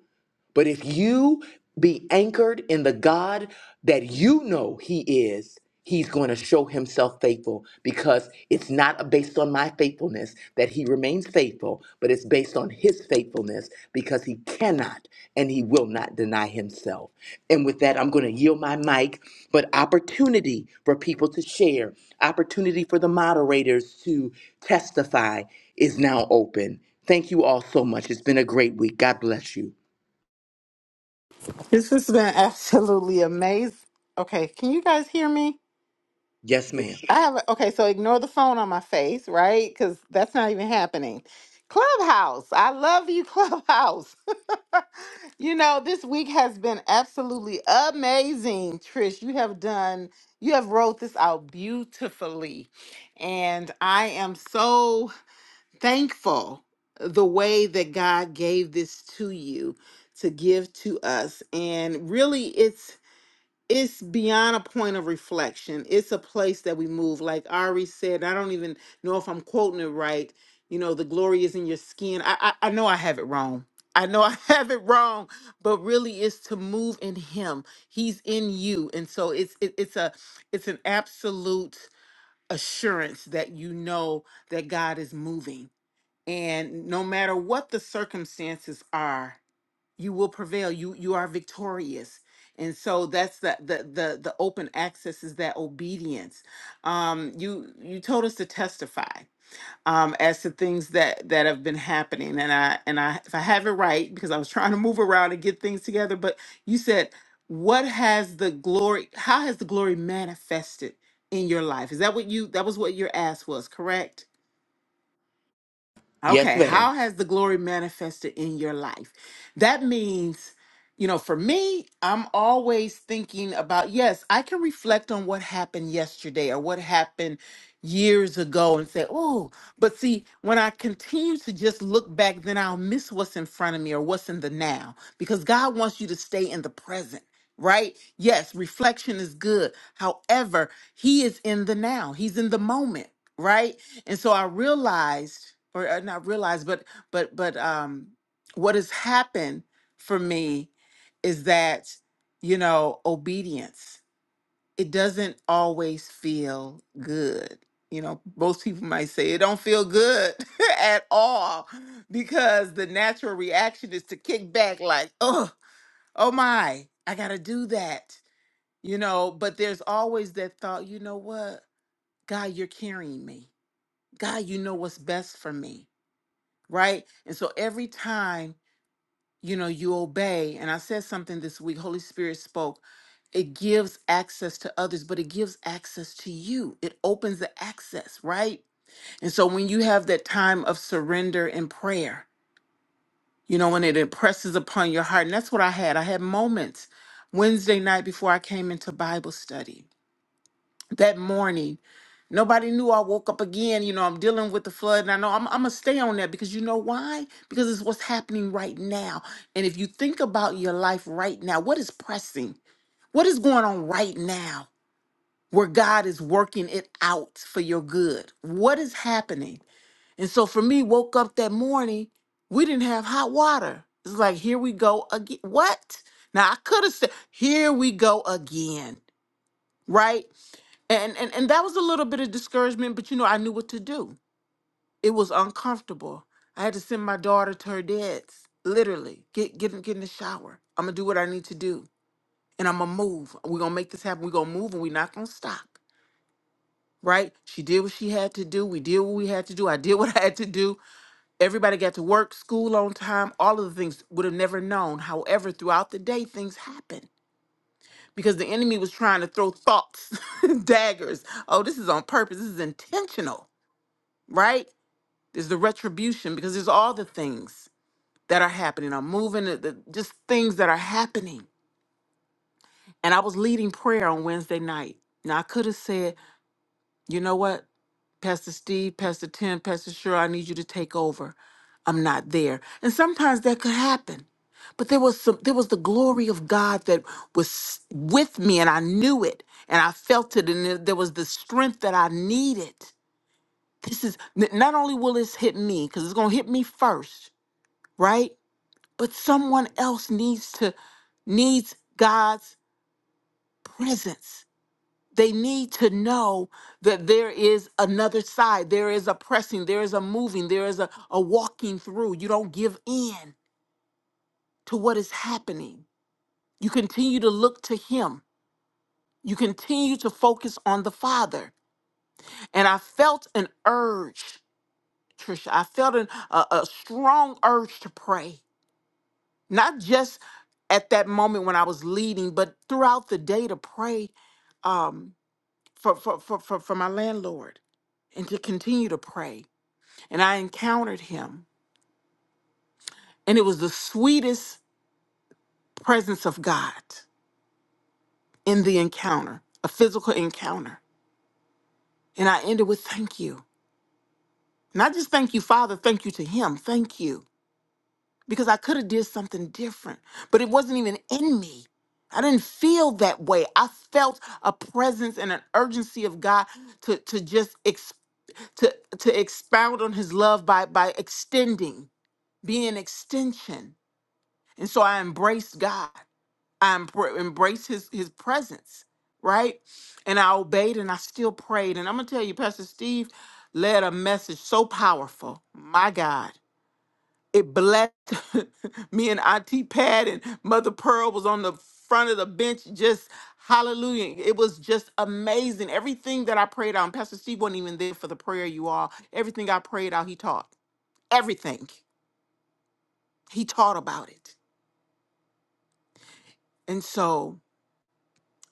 But if you be anchored in the God that you know He is, He's going to show Himself faithful because it's not based on my faithfulness that He remains faithful, but it's based on His faithfulness because He cannot and He will not deny Himself. And with that, I'm going to yield my mic, but opportunity for people to share, opportunity for the moderators to testify is now open. Thank you all so much. It's been a great week. God bless you.
This has been absolutely amazing. Okay, can you guys hear me?
Yes, ma'am.
I have okay, so ignore the phone on my face, right? Because that's not even happening. Clubhouse, I love you, Clubhouse. you know, this week has been absolutely amazing, Trish. You have done, you have wrote this out beautifully, and I am so thankful the way that God gave this to you to give to us, and really, it's it's beyond a point of reflection. It's a place that we move. Like Ari said, I don't even know if I'm quoting it right. You know, the glory is in your skin. I I, I know I have it wrong. I know I have it wrong, but really it's to move in him. He's in you. And so it's it, it's a it's an absolute assurance that you know that God is moving. And no matter what the circumstances are, you will prevail you you are victorious and so that's the the the, the open access is that obedience um you you told us to testify um as to things that that have been happening and i and i if i have it right because i was trying to move around and get things together but you said what has the glory how has the glory manifested in your life is that what you that was what your ask was correct
Yes,
Okay, how
ma'am.
has the glory manifested in your life? That means, you know, for me, I'm always thinking about, yes, I can reflect on what happened yesterday or what happened years ago and say, oh, but see, when I continue to just look back, then I'll miss what's in front of me or what's in the now because God wants you to stay in the present. Right? Yes, reflection is good. However, he is in the now. He's in the moment, right? and so i realized or uh, not realized but but but um what has happened for me is that you know obedience it doesn't always feel good you know most people might say it don't feel good at all because the natural reaction is to kick back like oh oh my i gotta do that you know but there's always that thought you know what god you're carrying me God, you know what's best for me, right? And so every time, you know, you obey, and I said something this week, Holy Spirit spoke, it gives access to others, but it gives access to you. It opens the access, right? And so when you have that time of surrender and prayer, you know, when it impresses upon your heart, and that's what I had. I had moments Wednesday night before I came into Bible study that morning. Nobody knew I woke up again. You know, I'm dealing with the flood, and I know I'm, I'm gonna stay on that because you know why? Because it's what's happening right now. And if you think about your life right now, what is pressing? What is going on right now where God is working it out for your good? What is happening? And so for me, woke up that morning, we didn't have hot water. It's like, here we go again. What? Now I could have said, here we go again right? And and and that was a little bit of discouragement, but you know, I knew what to do. It was uncomfortable. I had to send my daughter to her dad's, literally. Get get in- get in the shower. I'm gonna do what I need to do. And I'm gonna move. We're gonna make this happen. We're gonna move and we're not gonna stop. Right? She did what she had to do. We did what we had to do. I did what I had to do. Everybody got to work, school on time, all of the things would have never known. However, throughout the day, things happen because the enemy was trying to throw thoughts, daggers. Oh, this is on purpose. This is intentional, right? There's the retribution because there's all the things that are happening. I'm moving, the, the- just things that are happening. And I was leading prayer on Wednesday night. Now, I could have said, You know what? Pastor Steve, Pastor Tim, Pastor Sure, I need you to take over. I'm not there. And sometimes that could happen. But there was some there was the glory of God that was with me and I knew it and I felt it and there there was the strength that I needed. This is n- not only will this hit me cuz it's going to hit me first, right? But someone else needs to needs God's presence they need to know that there is another side. There is a pressing, there is a moving, there is a, a walking through. You don't give in to what is happening. You continue to look to Him, you continue to focus on the Father. And I felt an urge, Trisha, I felt an, a, a strong urge to pray, not just at that moment when I was leading, but throughout the day to pray um, for, for, for, for, for my landlord and to continue to pray and I encountered him. And it was the sweetest presence of God in the encounter, a physical encounter. And I ended with thank you. Not just thank you, Father, thank you to him, thank you. Because I could have did something different, but it wasn't even in me. I didn't feel that way. I felt a presence and an urgency of God to, to just ex, to, to expound on his love by, by extending, being an extension. And so I embraced God. I embr- embraced his his presence, right? And I obeyed and I still prayed. And I'm gonna tell you, Pastor Steve led a message so powerful. My God. It blessed me and IT Pat and Mother Pearl was on the front of the bench, just hallelujah. It was just amazing. Everything that I prayed out, and Pastor Steve wasn't even there for the prayer, you all. Everything I prayed out, he taught. Everything. He taught about it. And so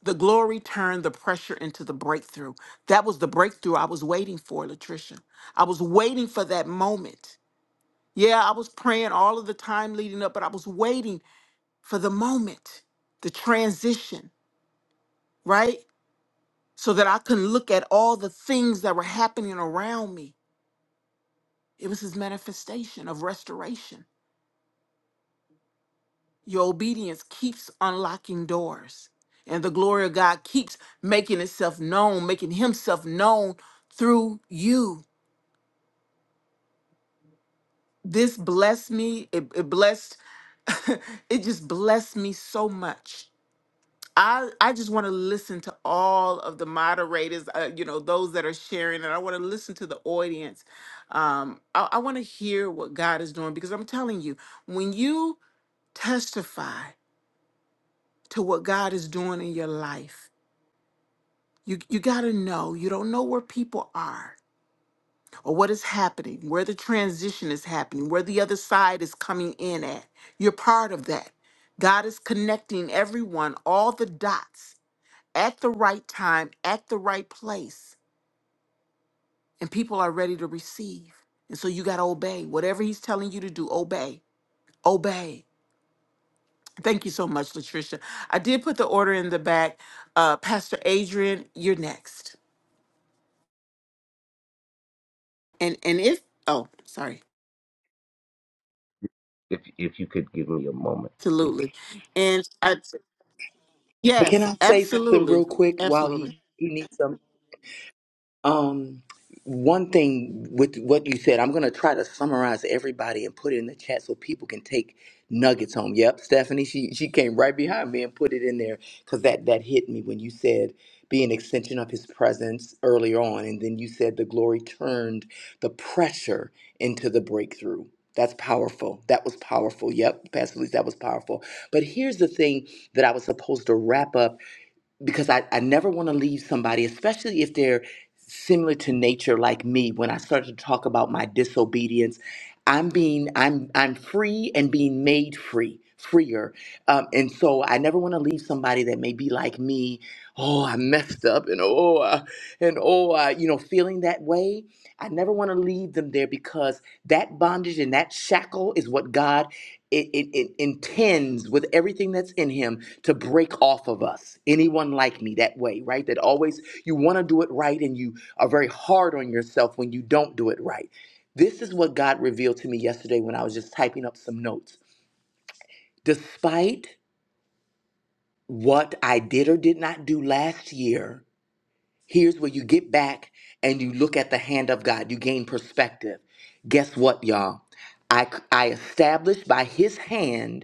The glory turned the pressure into the breakthrough. That was the breakthrough I was waiting for, Latricia. I was waiting for that moment. Yeah, I was praying all of the time leading up, but I was waiting for the moment, the transition, right? So that I can look at all the things that were happening around me. It was his manifestation of restoration. Your obedience keeps unlocking doors, and the glory of God keeps making itself known, making himself known through you. this blessed me. It, it blessed, it just blessed me so much. I, I just want to listen to all of the moderators, uh, you know, those that are sharing, and I want to listen to the audience. Um, I, I want to hear what God is doing because I'm telling you, when you testify to what God is doing in your life, you, you got to know you don't know where people are or what is happening, where the transition is happening, where the other side is coming in at. You're part of that. God is connecting everyone, all the dots at the right time, at the right place, and people are ready to receive. And so you got to obey. Whatever he's telling you to do, obey. Obey. Thank you so much, Latricia. I did put the order in the back. Uh, Pastor Adrian, you're next. And and if oh, sorry,
If if you could give me a moment, please.
absolutely. And I
Can
Yes,
I say something
absolutely.
real quick while he
Absolutely.
he needs some? Um, one thing with what you said, I'm gonna try to summarize everybody and put it in the chat so people can take nuggets home. Yep, Stephanie, she she came right behind me and put it in there because that that hit me when you said be an extension of his presence earlier on, and then you said the glory turned the pressure into the breakthrough. That's powerful. That was powerful. Yep, Pastor Lee, that was powerful. But here's the thing that I was supposed to wrap up because I, I never want to leave somebody, especially if they're similar to nature like me, when I start to talk about my disobedience. I'm being I'm I'm free and being made free, freer. Um, and so I never want to leave somebody that may be like me, oh, I messed up and oh I, and oh I, you know, feeling that way. I never want to leave them there because that bondage and that shackle is what God it, it, it intends with everything that's in him to break off of us anyone like me that way right that always you want to do it right and you are very hard on yourself when you don't do it right this is what god revealed to me yesterday when i was just typing up some notes despite what i did or did not do last year here's where you get back and you look at the hand of god you gain perspective guess what y'all i i established by his hand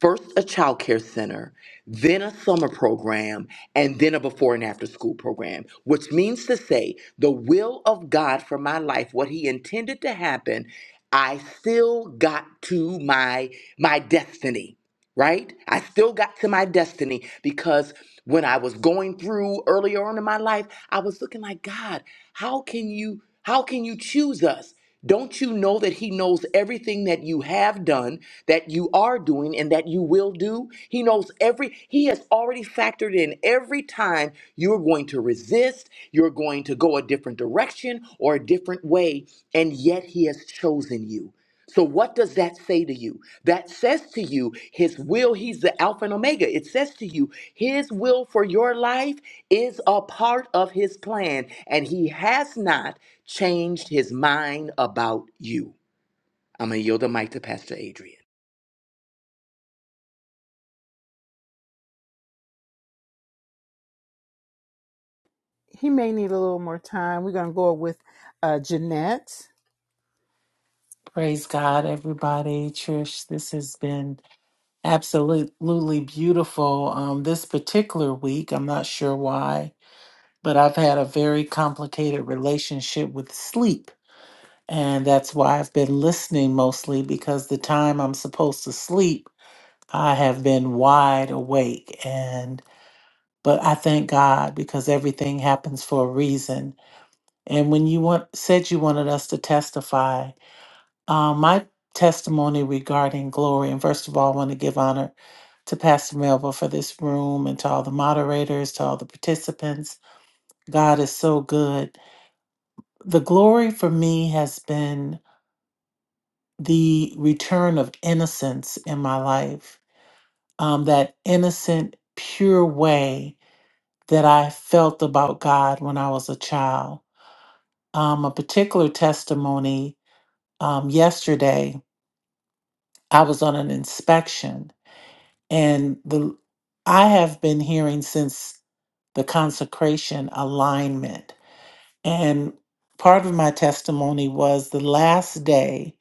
first a child care center, then a summer program, and then a before and after school program, which means to say the will of God for my life, what he intended to happen, I still got to my my destiny, right? I still got to my destiny because when I was going through earlier on in my life, I was looking like, God, how can you how can you choose us? Don't you know that he knows everything that you have done, that you are doing and that you will do? He knows every he has already factored in every time you're going to resist, you're going to go a different direction or a different way, and yet he has chosen you. So, what does that say to you? That says to you, His will, He's the Alpha and Omega. It says to you, His will for your life is a part of His plan, and He has not changed His mind about you. I'm going to yield the mic to Pastor Adrian.
us.
Praise God, everybody. Trish, this has been absolutely beautiful. Um, this particular week, I'm not sure why, but I've had a very complicated relationship with sleep. And that's why I've been listening mostly because the time I'm supposed to sleep, I have been wide awake. And but I thank God because everything happens for a reason And when you want, said you wanted us to testify, uh, my testimony regarding glory, and first of all, I want to give honor to Pastor Melba for this room and to all the moderators, to all the participants. God is so good. The glory for me has been the return of innocence in my life, um, that innocent, pure way that I felt about God when I was a child. Um, a particular testimony um, yesterday I was on an inspection and the I have been hearing since the consecration alignment and part of my testimony was the last day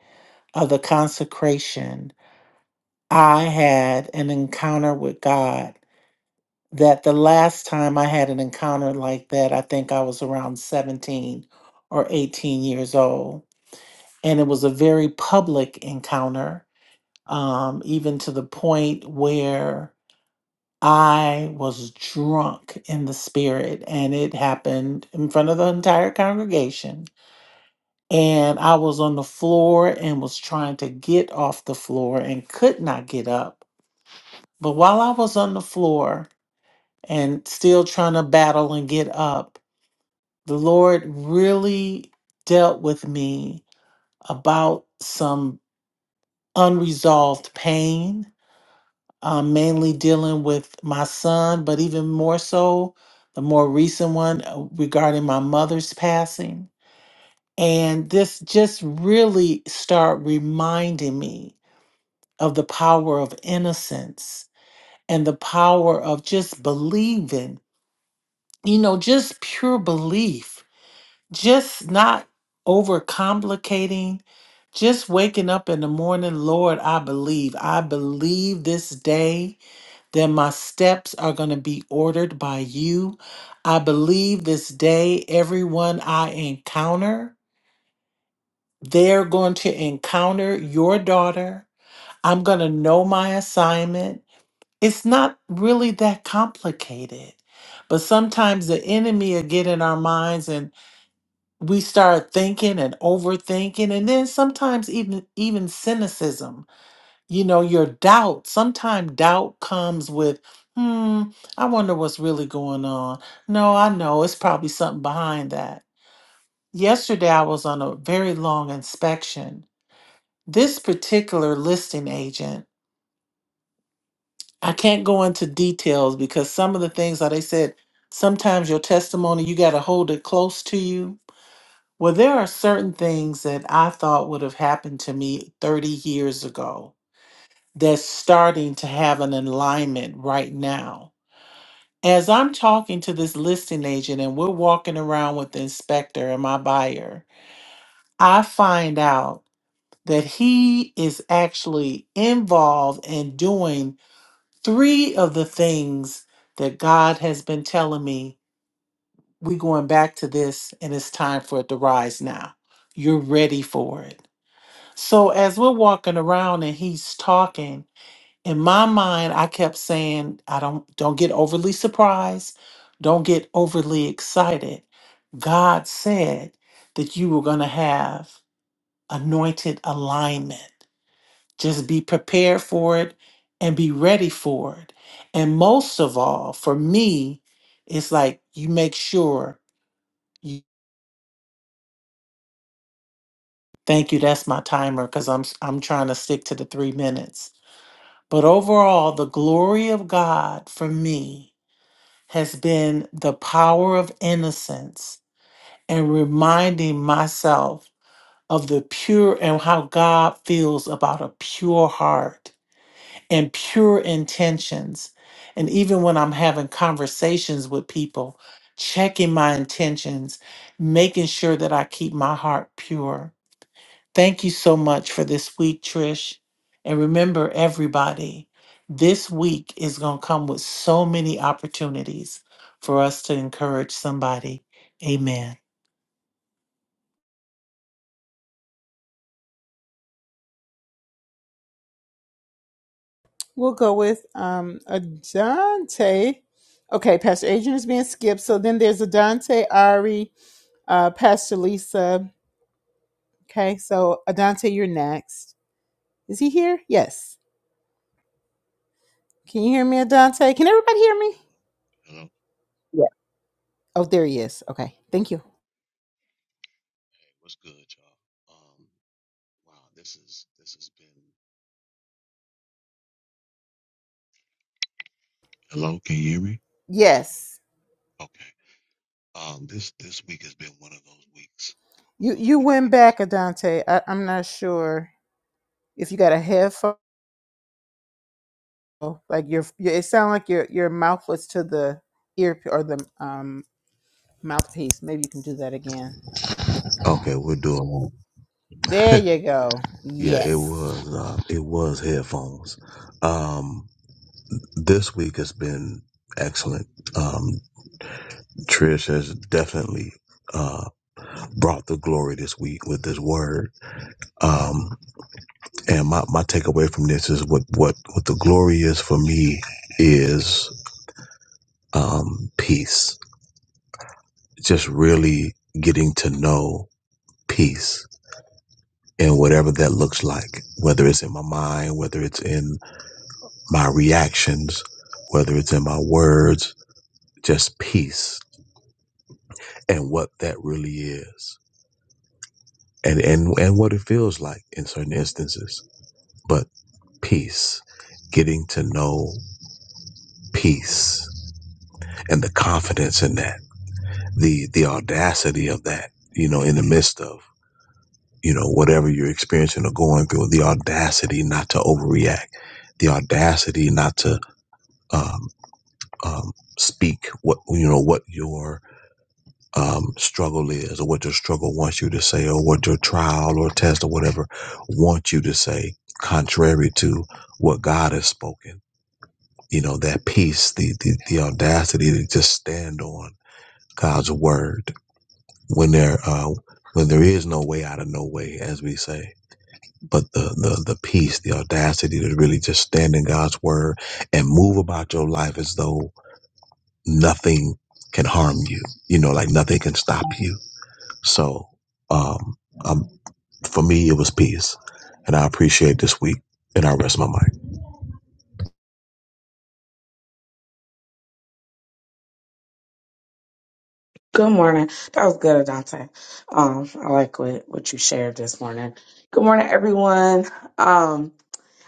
of the consecration I had an encounter with God that the last time I had an encounter like that I think I was around 17 or 18 years old and it was a very public encounter um, even to the point where I was drunk in the spirit, and it happened in front of the entire congregation. And I was on the floor and was trying to get off the floor and could not get up. But while I was on the floor and still trying to battle and get up, the Lord really dealt with me about some unresolved pain um, mainly dealing with my son, but even more so, the more recent one uh, regarding my mother's passing. And this just really start reminding me of the power of innocence and the power of just believing, you know, just pure belief, just not overcomplicating, just waking up in the morning, Lord, I believe. I believe this day then my steps are going to be ordered by you. I believe this day, everyone I encounter, they're going to encounter your daughter. I'm going to know my assignment. It's not really that complicated. But sometimes the enemy will get in our minds and we start thinking and overthinking and then sometimes even even cynicism you know your doubt sometimes doubt comes with hmm i wonder what's really going on no i know it's probably something behind that yesterday i was on a very long inspection this particular listing agent i can't go into details because some of the things that they said sometimes your testimony you got to hold it close to you well there are certain things that i thought would have happened to me 30 years ago that's starting to have an alignment right now. As I'm talking to this listing agent and we're walking around with the inspector and my buyer, I find out that he is actually involved in doing three of the things that God has been telling me. We're going back to this and it's time for it to rise now. You're ready for it. So as we're walking around and he's talking, in my mind i kept saying i don't don't get overly surprised don't get overly excited god said that you were going to have anointed alignment just be prepared for it and be ready for it and most of all for me it's like you make sure you thank you that's my timer cuz i'm s- i'm trying to stick to the 3 minutes but overall the glory of god for me has been the power of innocence and reminding myself of the pure and how God feels about a pure heart and pure intentions. And even when I'm having conversations with people, checking my intentions, making sure that I keep my heart pure. Thank you so much for this week, Trish. And remember, everybody, this week is going to come with so many opportunities for us to encourage somebody. Amen.
We'll go with um Adante. Okay, Pastor Adrian is being skipped. So then there's Adante, Ari, uh, Pastor Lisa. Okay, so Adante, you're next. Is he here? Yes. Can you hear me, Adante? Can everybody hear me?
Hello, hello.
Yeah.
Oh, there he is. Okay, thank you.
Hey, what's good, y'all? Um, wow, this is this has been. Hello, can you hear me?
Yes.
Okay. Um, this this week has been one of those weeks, one
You
of those
you
good
went
weeks.
back, Adante. I, I'm not sure if you got a headphone. Like your, your it sounded like your your mouth was to the ear or the um Mouthpiece. Maybe you can do that again.
Okay, we're doing one.
There you go.
Yeah, it
Yes.
was uh, it was headphones. Um, this week has been excellent. Um, Trish has definitely uh, brought the glory this week with this word. Um, And my, my takeaway from this is what, what, what the glory is for me is um, peace. Just really getting to know peace and whatever that looks like, whether it's in my mind, whether it's in my reactions, whether it's in my words, just peace and what that really is and, and, and what it feels like in certain instances. But peace, getting to know peace and the confidence in that. the the audacity of that you know in the midst of you know whatever you're experiencing or going through the audacity not to overreact the audacity not to um, um, speak what you know what your um, struggle is or what your struggle wants you to say or what your trial or test or whatever wants you to say contrary to what god has spoken you know that peace the the, the audacity to just stand on god's word when there uh, when there is no way out of no way, as we say. But the, the the peace, the audacity to really just stand in God's word and move about your life as though nothing can harm you. You know, like nothing can stop you so, um, um, for me, it was peace. And I appreciate this week, and I rest my mind.
Good morning. That was good, Adante. Um, I like what, what you shared this morning. Good morning, everyone. Um,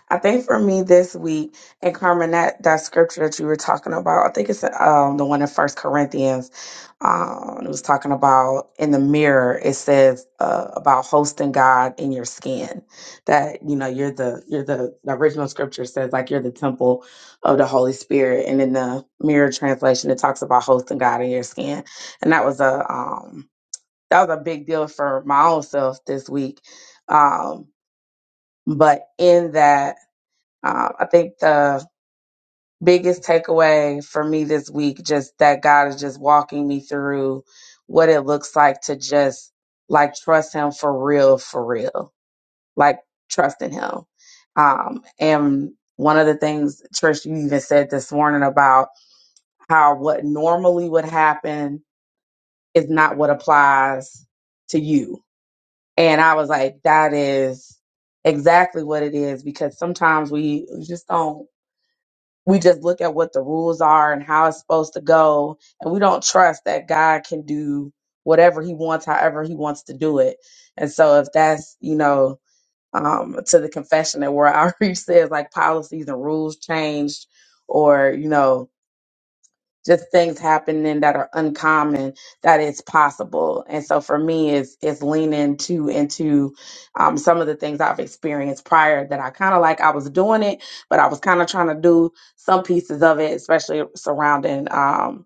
I think for me this week, and Carmen, that, that scripture that you were talking about, I think it's um, the one in First Corinthians. Um, it was talking about in the mirror. It says uh, about hosting God in your skin. That you know you're the you're the, the original scripture says like you're the temple of the Holy Spirit, and in the mirror translation, it talks about hosting God in your skin. And that was a um, that was a big deal for my own self this week. Um, but in that. Um, I think the biggest takeaway for me this week, just that God is just walking me through what it looks like to just like trust Him for real, for real, like trusting Him. Um, and one of the things, Trish, you even said this morning about how what normally would happen is not what applies to you. And I was like, that is exactly what it is because sometimes we just don't we just look at what the rules are and how it's supposed to go and we don't trust that god can do whatever he wants however he wants to do it and so if that's you know um, to the confession that where outreach says like policies and rules changed or you know just things happening that are uncommon that it's possible and so for me it's it's leaning to into um, some of the things i've experienced prior that i kind of like i was doing it but i was kind of trying to do some pieces of it especially surrounding um,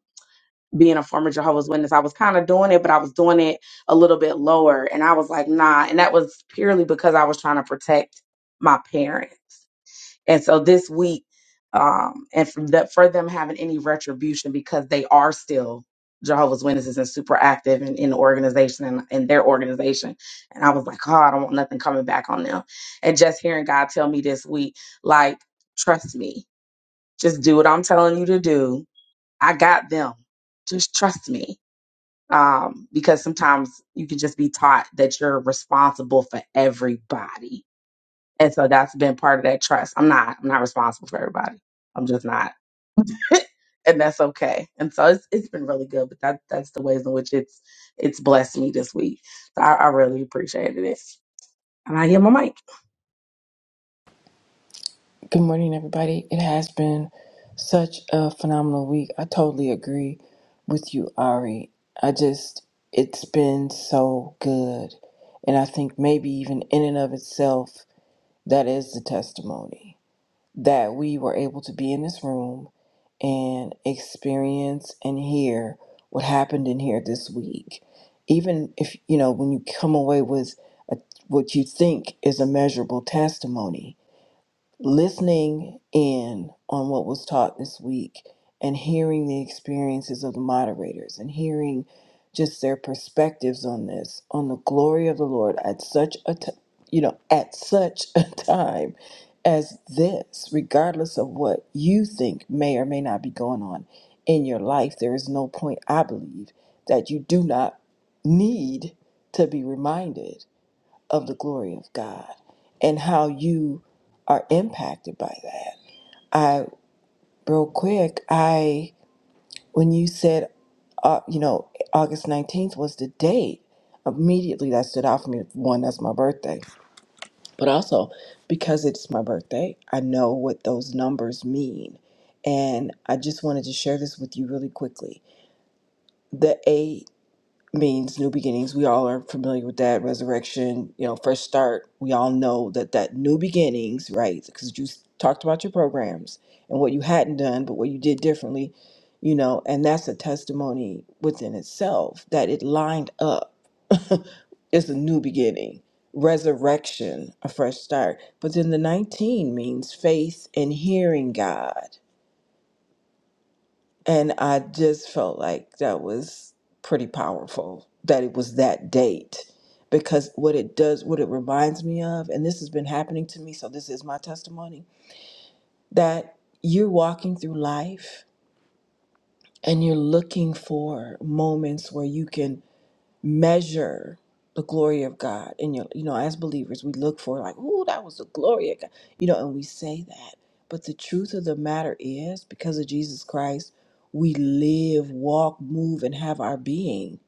being a former jehovah's witness i was kind of doing it but i was doing it a little bit lower and i was like nah and that was purely because i was trying to protect my parents and so this week, um, and for, the, for them having any retribution because they are still Jehovah's Witnesses and super active in, in the organization and in their organization. And I was like, oh, I don't want nothing coming back on them. And just hearing God tell me this week, like, trust me, just do what I'm telling you to do. I got them. Just trust me. Um, because sometimes you can just be taught that you're responsible for everybody and so that's been part of that trust. I'm not I'm not responsible for everybody. I'm just not. and that's okay. And so it's it's been really good, but that that's the ways in which it's it's blessed me this week. So I, I really appreciated it. And I hear my mic.
Good morning, everybody. It has been such a phenomenal week. I totally agree with you, Ari. I just, it's been so good. And I think maybe even in and of itself, that is the testimony that we were able to be in this room and experience and hear what happened in here this week. Even if, you know, when you come away with a, what you think is a measurable testimony, listening in on what was taught this week and hearing the experiences of the moderators and hearing just their perspectives on this on the glory of the lord at such a t- you know at such a time as this regardless of what you think may or may not be going on in your life there is no point i believe that you do not need to be reminded of the glory of God and how you are impacted by that. I real quick, I when you said uh, you know August 19th was the date, immediately that stood out for me. One, that's my birthday, but also because it's my birthday, I know what those numbers mean. And I just wanted to share this with you really quickly. The means new beginnings. We all are familiar with that resurrection, you know, fresh start. We all know that that new beginnings, right? Because you s- talked about your programs and what you hadn't done, but what you did differently, you know, and that's a testimony within itself that it lined up. it's a new beginning, resurrection, a fresh start. But then the 19 means faith and hearing God. And I just felt like that was pretty powerful that it was that date because what it does, what it reminds me of, and this has been happening to me, so this is my testimony that you're walking through life and you're looking for moments where you can measure the glory of God in your you know as believers we look for like ooh that was the glory of God you know and we say that but the truth of the matter is because of Jesus Christ we live walk move and have our being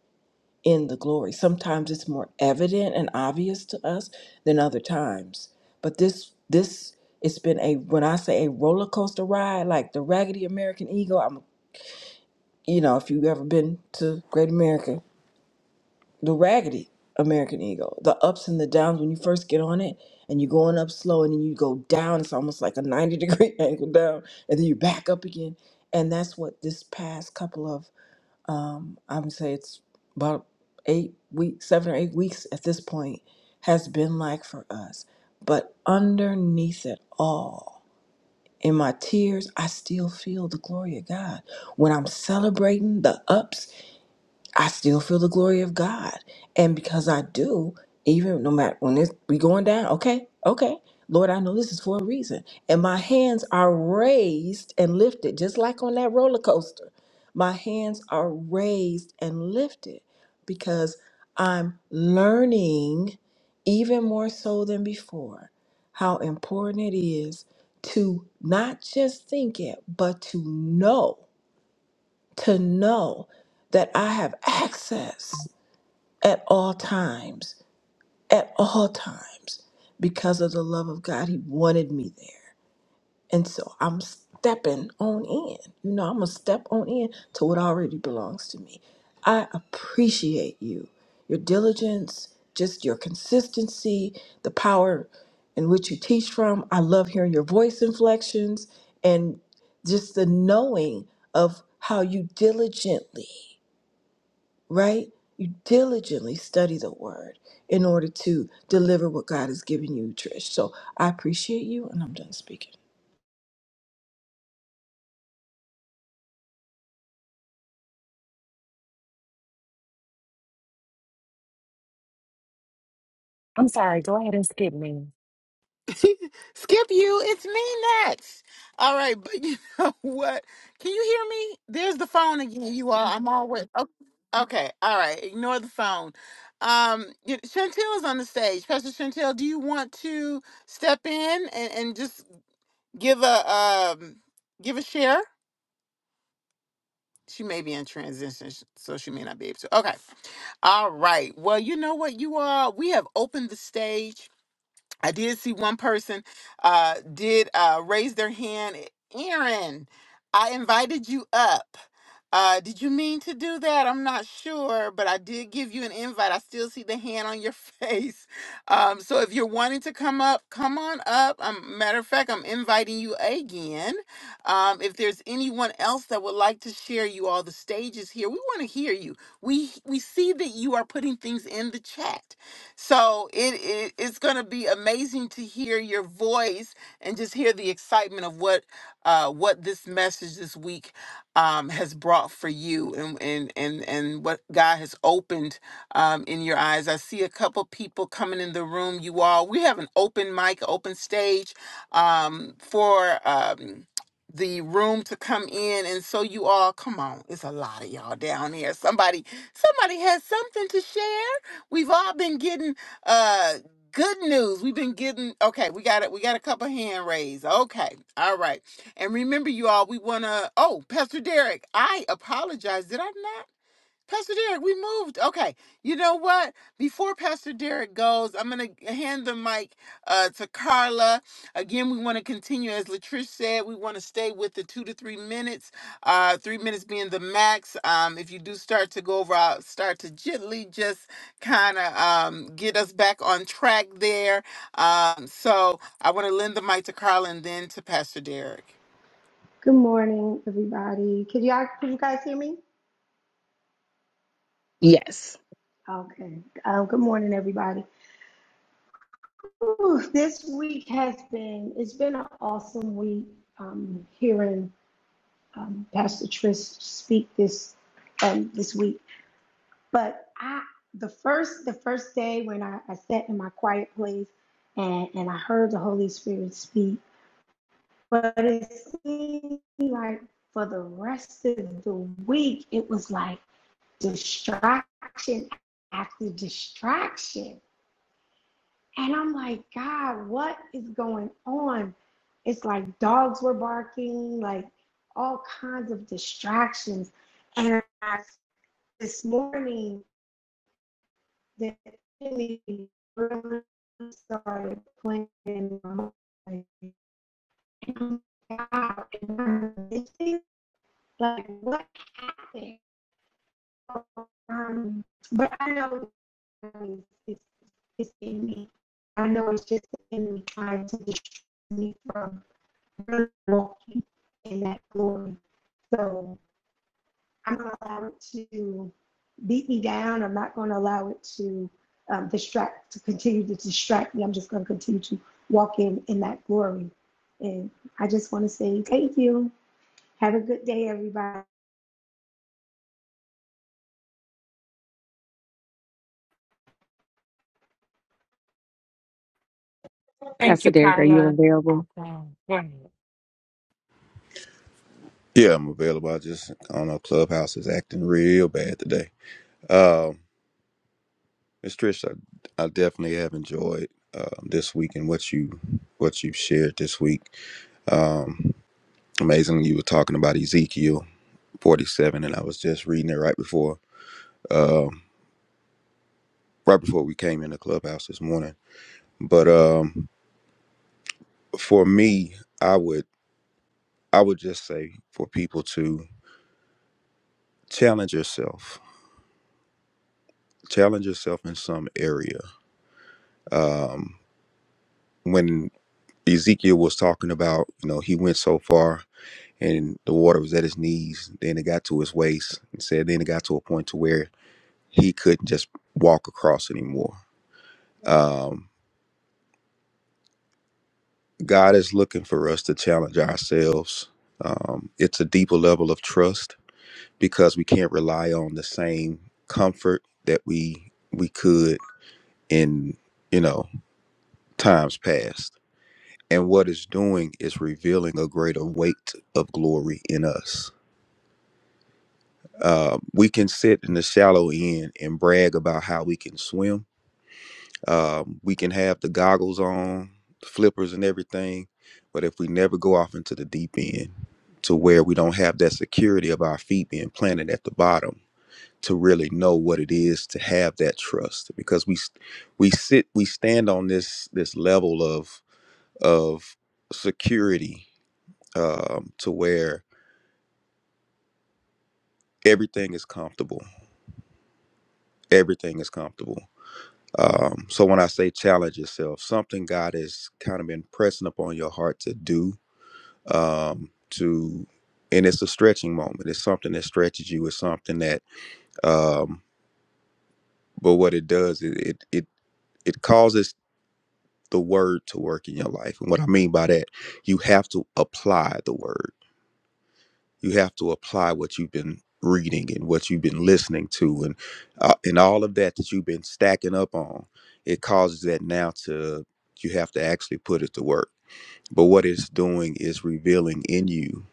in the glory sometimes it's more evident and obvious to us than other times but this this it's been a when I say a roller coaster ride like the raggedy American eagle I'm you know if you've ever been to Great America the raggedy American Eagle, the ups and the downs when you first get on it and you're going up slow and then you go down. It's almost like a 90 degree angle down and then you back up again. And that's what this past couple of, i would say it's about eight weeks, seven or eight weeks at this point, has been like for us. But underneath it all, in my tears, I still feel the glory of God. When I'm celebrating the ups I still feel the glory of God. And because I do, even no matter when it's, we going down, okay, okay, Lord, I know this is for a reason. And my hands are raised and lifted, just like on that roller coaster. My hands are raised and lifted because I'm learning even more so than before how important it is to not just think it, but to know to know that I have access at all times, at all times, because of the love of God. He wanted me there. And so I'm stepping on in. You know, I'm going to step on in to what already belongs to me. I appreciate you, your diligence, just your consistency, the power in which you teach from. I love hearing your voice inflections and just the knowing of how you diligently right? You diligently study the word in order to deliver what God has given you, Trish. So I appreciate you, and I'm done speaking.
I'm sorry. Go ahead and skip me.
Skip you, it's me next. All right, but you know what? Can you hear me? There's the phone again. You all. I'm always okay. okay, All right, ignore the phone. Um, you- Chantel is on the stage. Pastor Chantel, do you want to step in and, and just give a um give a share? She may be in transition, sh- so she may not be able to. Okay. All right. Well, you know what, you are. we have opened the stage. I did see one person uh did uh raise their hand. Aaron, I invited you up. Uh did you mean to do that? I'm not sure, but I did give you an invite. I still see the hand on your face. Um so if you're wanting to come up, come on up. Um matter of fact, I'm inviting you again. Um if there's anyone else that would like to share you all the stages here, we want to hear you. We we see that you are putting things in the chat so it, it it's going to be amazing to hear your voice and just hear the excitement of what uh, what this message this week um, has brought for you and and and and what God has opened um, in your eyes. I see a couple people coming in the room. You all, we have an open mic, open stage um, for. Um, the room to come in and so you all come on it's a lot of y'all down here somebody somebody has something to share We've all been getting uh good news. We've been getting okay, we got it. We got a couple hand raised. Okay. All right. And remember you all, we wanna oh, Pastor Derek, I apologize. Did I not? Pastor Derek, we moved. Okay. You know what? Before Pastor Derek goes, I'm going to hand the mic uh, to Carla. Again, we want to continue, as Latrice said, we want to stay with the two to three minutes, uh, three minutes being the max. Um, if you do start to go over, I'll start to gently just kind of um, get us back on track there. Um, so I want to lend the mic to Carla and then to Pastor Derek.
Good morning, everybody. Could y'all, could you guys hear me?
Yes.
Okay. Um, good morning, everybody. Ooh, this week has been, it's been an awesome week. Um, hearing um, Pastor Trish speak this um, this week, but I the first the first day when I, I sat in my quiet place and and I heard the Holy Spirit speak, but it seemed like for the rest of the week it was like distraction after distraction. And I'm like, God, what is going on? It's like dogs were barking, like all kinds of distractions. And I, this morning, the enemy really started playing in my mind. And I'm like, Like, what happened? Um, but I know It's, it's in me. I know it's just the enemy trying to distract me from really walking in that glory. So I'm not going to allow it to beat me down. I'm not going to allow it to um, distract, to continue to distract me. I'm just going to continue to walk in in that glory. And I just want to say thank you. Have a good day, everybody.
Thank
Pastor
you,
Derek, are you
Carla.
available?
Okay. Go ahead.
Yeah, I'm available. I just I don't know. Clubhouse is acting real bad today. Um, Miss Trish, I, I definitely have enjoyed um, this week and what you what you have shared this week. Um, amazingly, you were talking about Ezekiel 47, and I was just reading it right before um, right before we came in the clubhouse this morning. But um, for me, I would I would just say for people to challenge yourself, challenge yourself in some area. Um, when Ezekiel was talking about, you know, he went so far and the water was at his knees, then it got to his waist and said then it got to a point to where he couldn't just walk across anymore. Um, God is looking for us to challenge ourselves. Um, it's a deeper level of trust because we can't rely on the same comfort that we we could in, you know, times past. And what it's doing is revealing a greater weight of glory in us Uh, we can sit in the shallow end and brag about how we can swim. Um, we can have the goggles on, flippers, and everything. But if we never go off into the deep end to where we don't have that security of our feet being planted at the bottom to really know what it is to have that trust because we we sit we stand on this this level of of security um, to where everything is comfortable everything is comfortable Um, so when I say challenge yourself, something God has kind of been pressing upon your heart to do, um, to, and it's a stretching moment. It's something that stretches you. It's something that, um, but what it does, it, it, it, it causes the word to work in your life. And what I mean by that, you have to apply the word. you have to apply what you've been reading and what you've been listening to and uh, and all of that that you've been stacking up on it causes that now to you have to actually put it to work but what it's doing is revealing in you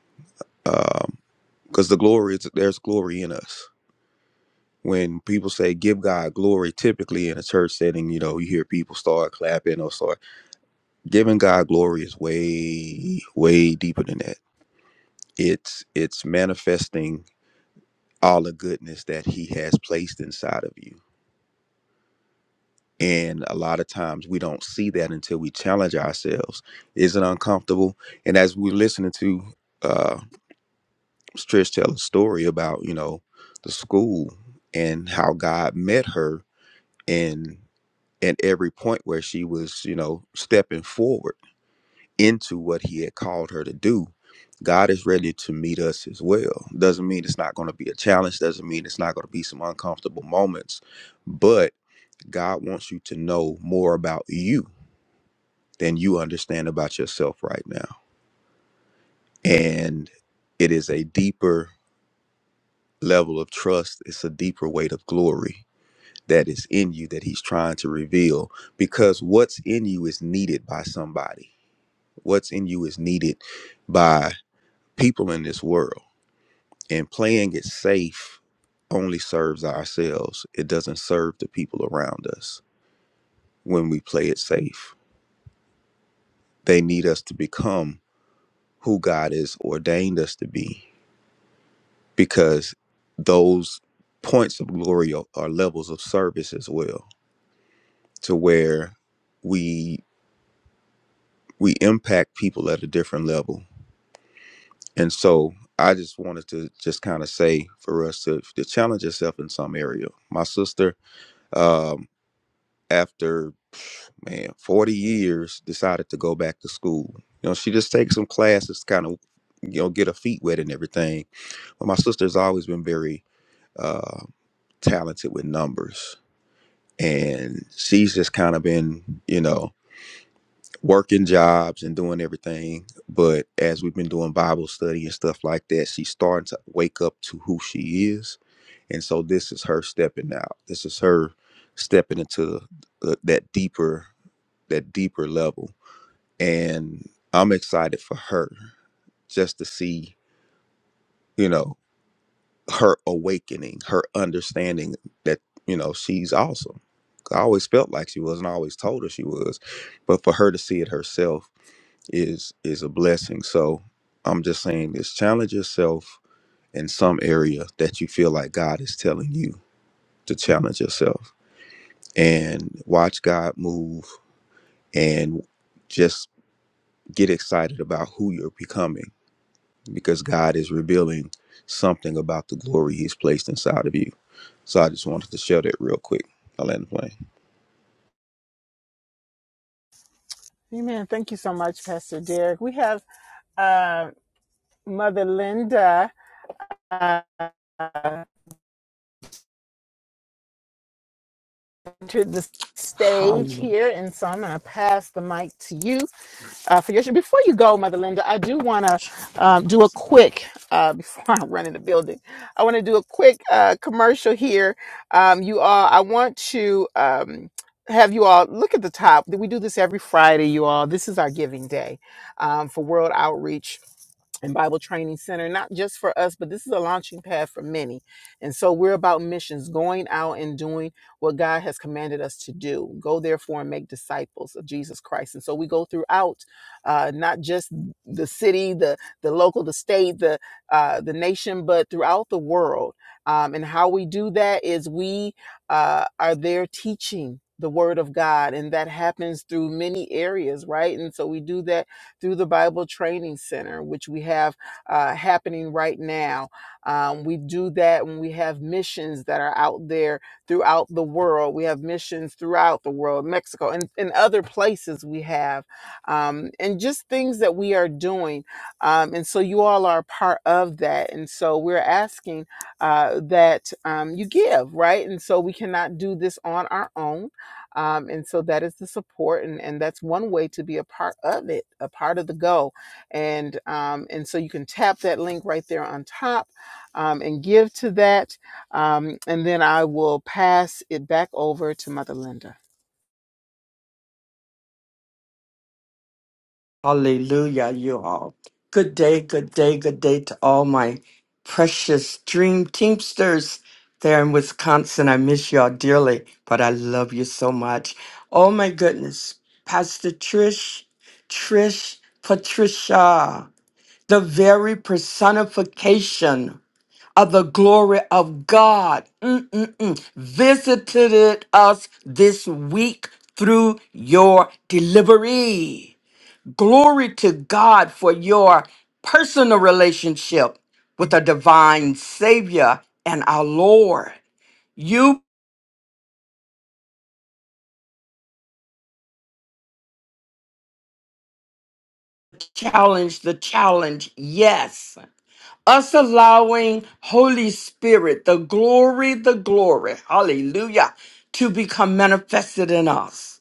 um, because the glory is there's glory in us when people say give god glory typically in a church setting you know you hear people start clapping or start giving god glory is way way deeper than that it's it's manifesting all the goodness that he has placed inside of you. And a lot of times we don't see that until we challenge ourselves. Is it uncomfortable? And as we're listening to uh, Trish tell a story about, you know, the school and how God met her in at every point where she was, you know, stepping forward into what he had called her to do. God is ready to meet us as well. Doesn't mean it's not going to be a challenge, doesn't mean it's not going to be some uncomfortable moments, but God wants you to know more about you than you understand about yourself right now. And it is a deeper level of trust, it's a deeper weight of glory that is in you that He's trying to reveal because what's in you is needed by somebody. What's in you is needed by people in this world. And playing it safe only serves ourselves, it doesn't serve the people around us when we play it safe. They need us to become who God has ordained us to be because those points of glory are, are levels of service as well to where we we impact people at a different level and so i just wanted to just kind of say for us to, to challenge yourself in some area my sister um after man 40 years decided to go back to school you know she just takes some classes kind of you know get her feet wet and everything but my sister's always been very uh, talented with numbers. And she's just kind of been, you know, working jobs and doing everything. But as we've been doing Bible study and stuff like that, she's starting to wake up to who she is. And so this is her stepping out. This is her stepping into the, that deeper, that deeper level. And I'm excited for her just to see, you know, her awakening, her understanding that, you know, she's awesome. I always felt like she was and I always told her she was. But for her to see it herself is is a blessing. So I'm just saying this challenge yourself in some area that you feel like God is telling you to challenge yourself and watch God move and just get excited about who you're becoming because God is revealing something about the glory he's placed inside of you. So I just wanted to share that real quick. I land the plane.
Amen. Thank you so much, Pastor Derek. We have uh, Mother Linda. uh, entered the stage
Hallelujah.
here, and so I'm going to pass the mic to you uh, for your show. Before you go, Mother Linda, I do want to um, do a quick, uh, before I run in the building, I want to do a quick uh, commercial here. Um, you all, I want to um, have you all look at the top. We do this every Friday, you all. This is our giving day um, for World Outreach. and Bible Training Center, not just for us, but this is a launching pad for many. And so we're about missions, going out and doing what God has commanded us to do. Go therefore and make disciples of Jesus Christ. And so we go throughout, uh, not just the city, the the local, the state, the uh, the nation, but throughout the world. Um, and how we do that is we uh, are there teaching the word of God, and that happens through many areas, right? And so we do that through the Bible Training Center, which we have uh, happening right now. Um, we do that when we have missions that are out there throughout the world. We have missions throughout the world, Mexico and, and other places we have, um, and just things that we are doing. Um, and so you all are a part of that. And so we're asking uh, that um, you give, right? And so we cannot do this on our own um, and so that is the support, and, and that's one way to be a part of it, a part of the go. And um, and so you can tap that link right there on top um, and give to that. Um, and then I will pass it back over to Mother Linda.
Hallelujah, you all. Good day, good day, good day to all my precious dream teamsters there in Wisconsin. I miss y'all dearly, but I love you so much. Oh my goodness. Pastor Trish, Trish, Patricia, the very personification. of the glory of God. Mm-mm-mm. Visited us this week through your delivery. Glory to God for your personal relationship with the divine Savior and our Lord. You challenge the challenge, yes. Us allowing Holy Spirit, the glory, the glory, hallelujah, to become manifested in us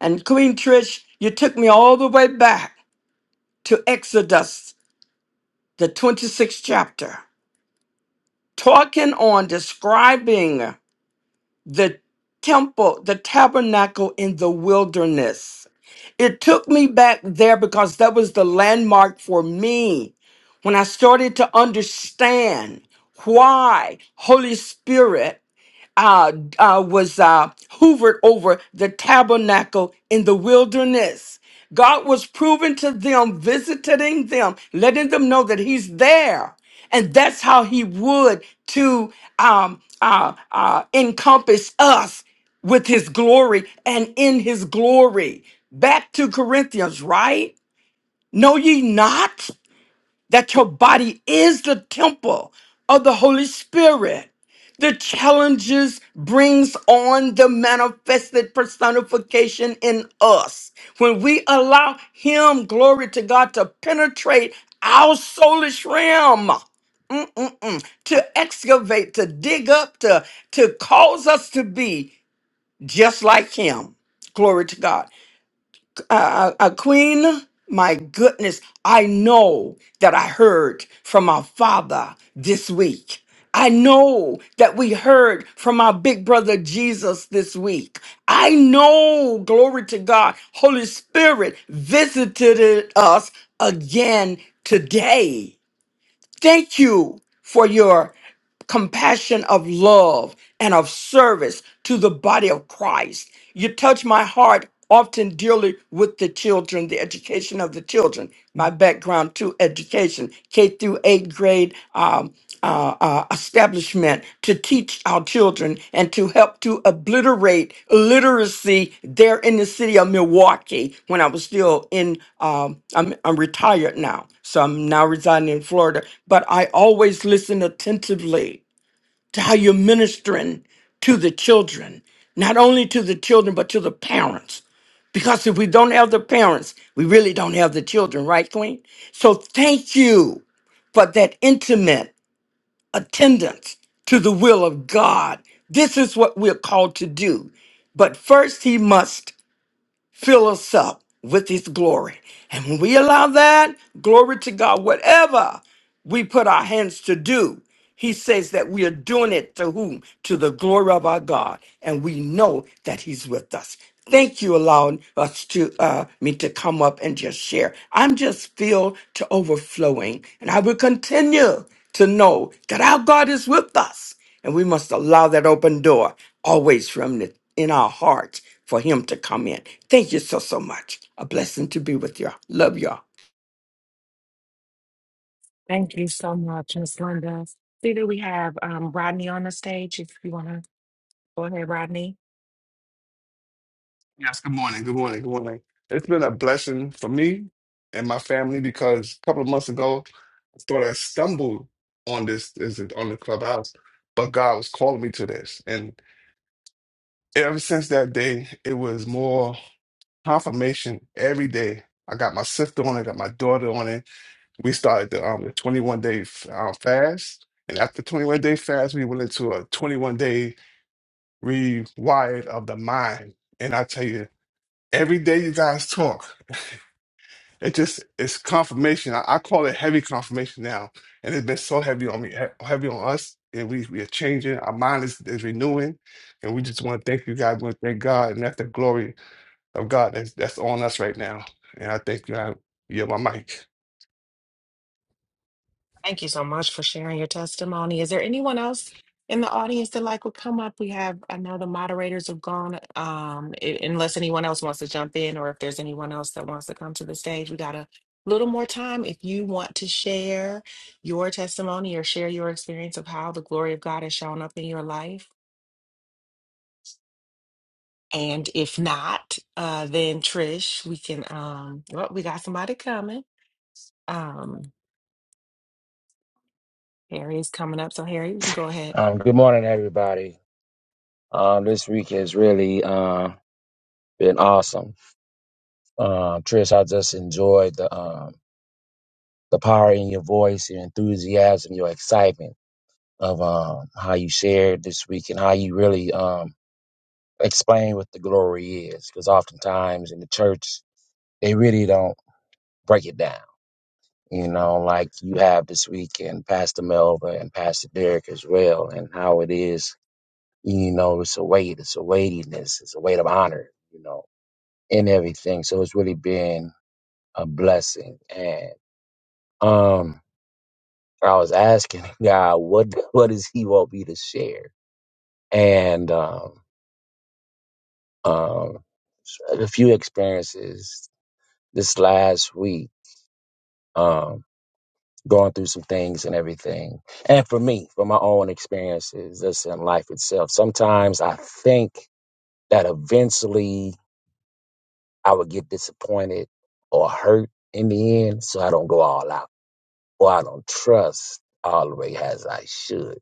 And Queen Trish, you took me all the way back to Exodus, the 26th chapter, talking on describing the temple, the tabernacle in the wilderness. It took me back there because that was the landmark for me when I started to understand why Holy Spirit uh, uh, was uh, hoovered over the tabernacle in the wilderness. God was proven to them, visiting them, letting them know that He's there. And that's how He would to um, uh, uh, encompass us with His glory and in His glory. Back to Corinthians, right? Know ye not? that your body is the temple of the Holy Spirit. The challenges brings on the manifested personification in us. When we allow him, glory to God, to penetrate our soulish realm, mm-mm-mm, to excavate, to dig up, to, to cause us to be just like him. Glory to God uh, uh, Queen, my goodness, I know that I heard from our Father this week. I know that we heard from our big brother Jesus this week. I know, glory to God, Holy Spirit visited us again today. Thank you for your compassion of love and of service to the body of Christ. You touch my heart often dearly with the children, the education of the children. My background to education, K through eighth grade, um, establishment to teach our children and to help to obliterate literacy there in the city of Milwaukee when I was still in, um, I'm, I'm retired now. So I'm now residing in Florida. But I always listen attentively to how you're ministering to the children, not only to the children, but to the parents. Because if we don't have the parents, we really don't have the children, right, Queen? So thank you for that intimate attendance to the will of God. This is what we're called to do. But first, he must fill us up with his glory. And when we allow that, glory to God, whatever we put our hands to do, he says that we are doing it to whom? To the glory of our God. And we know that he's with us. Thank you allowing us to uh, me to come up and just share. I'm just filled to overflowing, and I will continue to know that our God is with us. And we must allow that open door always from the, in our hearts for him to come in. Thank you so, so much. A blessing to be with you. all Love you. all
Thank you so much, Miss Linda. See that we have um, Rodney on the stage. If you want to go ahead, Rodney.
Yes, good morning. Good morning. Good morning. It's been a blessing for me and my family because a couple of months ago, I thought I stumbled on this, is it on the clubhouse, but God was calling me to this. And ever since that day, it was more confirmation every day. I got my sister on it, got my daughter on it. We started the, um, the 21 day um, fast. And after 21 day fast, we went into a 21 day rewired of the mind. And I tell you, every day you guys talk. It just it's confirmation. I, I call it heavy confirmation now, and it's been so heavy on me, he- heavy on us, and we we are changing. Our mind is, is renewing, and we just want to thank you guys. We want to thank God, and that's the glory of God that's that's on us right now. And I thank you. I yeah, my mic.
Thank you so much for sharing your testimony. Is there anyone else in the audience that like would come up? We have, I know the moderators have gone. Um, i- unless anyone else wants to jump in, or if there's anyone else that wants to come to the stage, we got a little more time. If you want to share your testimony or share your experience of how the glory of God has shown up in your life And if not, uh, then Trish, we can. Um, well, we got somebody coming. Um, Harry is coming up, so Harry, you can go ahead.
Um, good morning, everybody. Um, this week has really uh, been awesome. Uh, Trish, I just enjoyed the um the power in your voice, your enthusiasm, your excitement of um, how you shared this week and how you really um, explain what the glory is. Because oftentimes in the church, they really don't break it down. You know, like you have this week, and Pastor Melva and Pastor Derek as well, and how it is. You know, it's a weight, it's a weightiness, it's a weight of honor. You know, In everything. So it's really been a blessing. And um, I was asking God, what what does He want me to share? And um, um, a few experiences this last week, um, going through some things and everything. And for me, for my own experiences, just in life itself. Sometimes I think that eventually I would get disappointed or hurt in the end, so I don't go all out or I don't trust all the way as I should.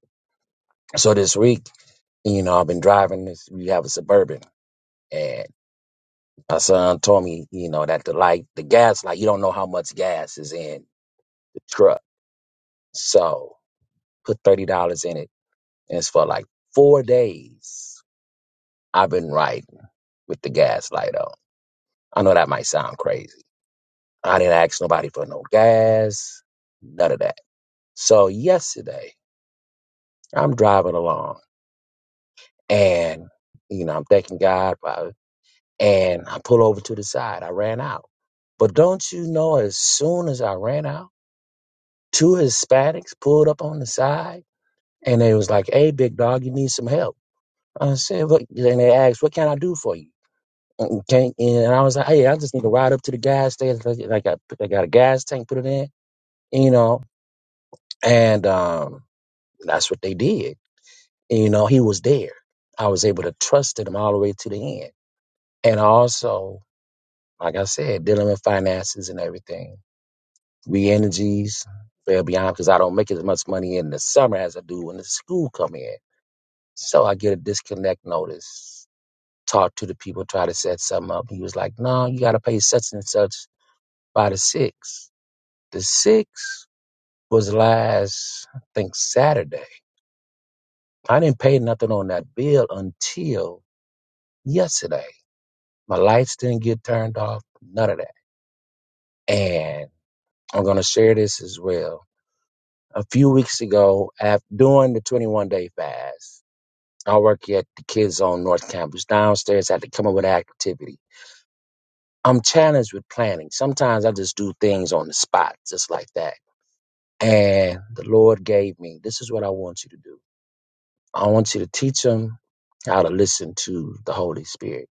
So this week, you know, I've been driving this. We have a suburban, and my son told me, you know, that the light, the gas light, you don't know how much gas is in the truck. So put thirty dollars in it, and it's for like four days. I've been riding with the gas light on. I know that might sound crazy. I didn't ask nobody for no gas, none of that. So yesterday, I'm driving along, and you know, I'm thanking God. for. and I pull over to the side. I ran out. But don't you know, as soon as I ran out, two Hispanics pulled up on the side and they was like, Hey, big dog, you need some help. I said, what? And they asked, What can I do for you? And, can and I was like, Hey, I just need to ride up to the gas station. Like, I got, I got a gas tank, put it in, you know. And um, that's what they did. You know, he was there. I was able to trust him all the way to the end. And also, like I said, dealing with finances and everything re energies, fair beyond because I don't make as much money in the summer as I do when the school come in. So I get a disconnect notice. Talk to the people, try to set something up. He was like, No, you gotta pay such and such by the six. The six was last I think Saturday. I didn't pay nothing on that bill until yesterday. My lights didn't get turned off, none of that. And I'm gonna share this as well. A few weeks ago, after during the 21 day fast, I work at the Kids on North Campus. Downstairs, I have to come up with an activity. I'm challenged with planning. Sometimes I just do things on the spot, just like that. And the Lord gave me, this is what I want you to do. I want you to teach them how to listen to the Holy Spirit.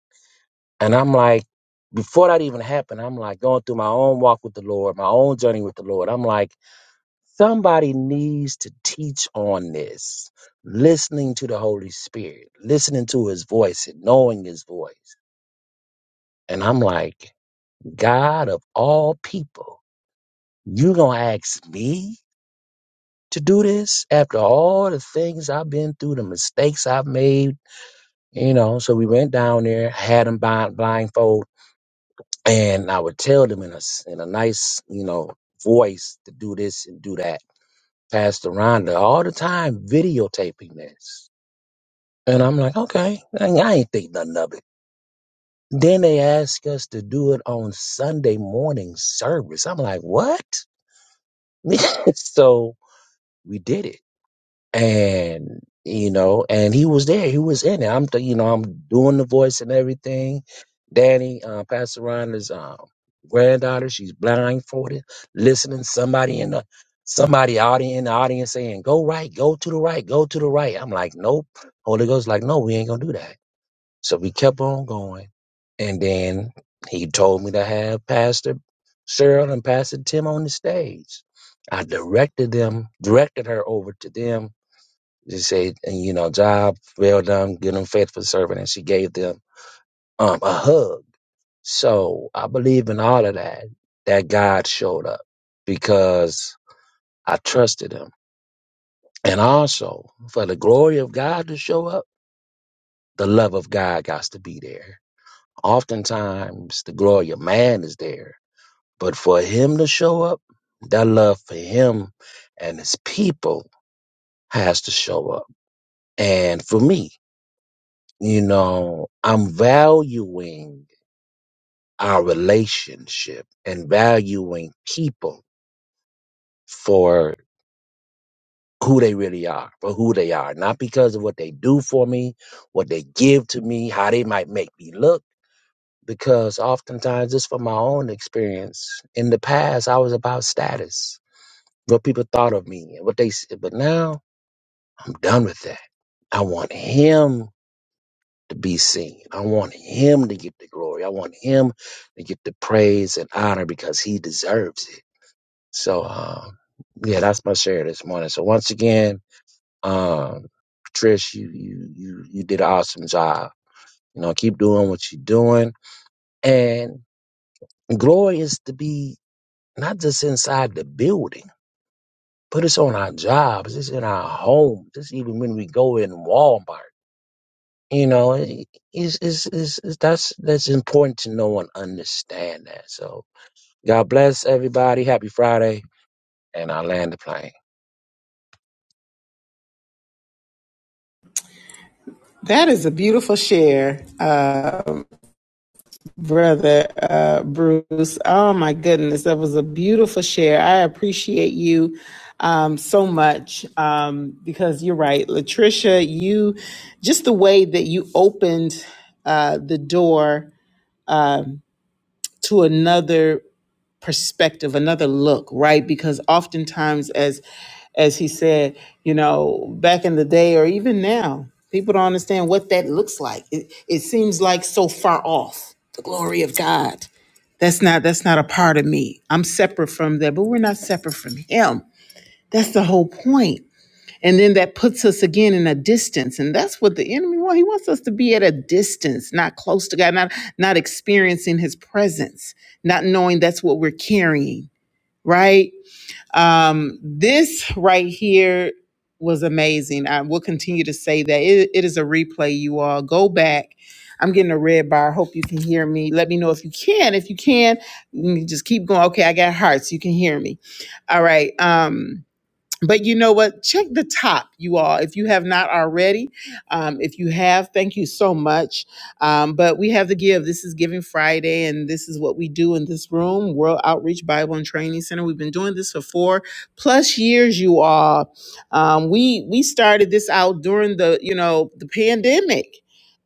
And I'm like, before that even happened, I'm like going through my own walk with the Lord, my own journey with the Lord. I'm like, somebody needs to teach on this listening to the Holy Spirit, listening to his voice and knowing his voice. And I'm like, God of all people, you gonna ask me to do this after all the things I've been through, the mistakes I've made, you know? So we went down there, had them blind, blindfold, and I would tell them in a s- in a nice, you know, voice to do this and do that. Pastor Rhonda all the time videotaping this, and I'm like, okay, I I ain't think nothing of it. Then they ask us to do it on Sunday morning service. I'm like, what? so we did it. And, you know, and he was there. He was in it. I'm, th- you know, I'm doing the voice and everything. Danny, uh, Pastor Rhonda's um, granddaughter, she's blindfolded, listening. Somebody in the, somebody out in the audience saying, go right, go to the right, go to the right. I'm like, nope. Holy Ghost like, no, we ain't going to do that. So we kept on going. And then he told me to have Pastor Cheryl and Pastor Tim on the stage. I directed them, directed her over to them. She said, and you know, job well done, good and faithful servant. And she gave them um, a hug. So I believe in all of that, that God showed up because I trusted him. And also for the glory of God to show up, the love of God got to be there Oftentimes, the glory of man is there, but for him to show up, that love for him and his people has to show up. And for me, you know, I'm valuing our relationship and valuing people for who they really are, for who they are, not because of what they do for me, what they give to me, how they might make me look because oftentimes just from my own experience in the past i was about status what people thought of me and what they said but now i'm done with that i want him to be seen i want him to get the glory i want him to get the praise and honor because he deserves it so um yeah that's my share this morning so once again um trish you you you, you did an awesome job you know keep doing what you're doing and glory is to be not just inside the building, but it's on our jobs, it's in our homes, it's even when we go in Walmart. You know, it- it's, it's, it's, it's, that's that's important to know and understand that. So, God bless everybody. Happy Friday, and I land the plane.
That is a beautiful share. Uh, Brother uh, Bruce, oh my goodness, that was a beautiful share. I appreciate you um, so much um, because you're right, Latricia. You just the way that you opened uh, the door um to another perspective, another look, right? Because oftentimes, as as he said, you know, back in the day or even now, people don't understand what that looks like. It, it seems like so far off. Glory of God that's not that's not a part of me. I'm separate from that, but we're not separate from him. That's the whole point. And then that puts us again in a distance. And that's what the enemy wants. He wants us to be at a distance, not close to God, not not experiencing his presence, not knowing that's what we're carrying, right? Um, this right here was amazing. I will continue to say that it, it is a replay. You all go back. I'm getting a red bar. I hope you can hear me. Let me know if you can. If you can, let me just keep going. Okay, I got hearts. You can hear me. All right. Um, but you know what? Check the top, you all, if you have not already. Um, if you have, thank you so much. Um, but we have the give. This is Giving Friday, and this is what we do in this room World Outreach Bible and Training Center. We've been doing this for four plus years, you all. Um, we we started this out during the you know the pandemic.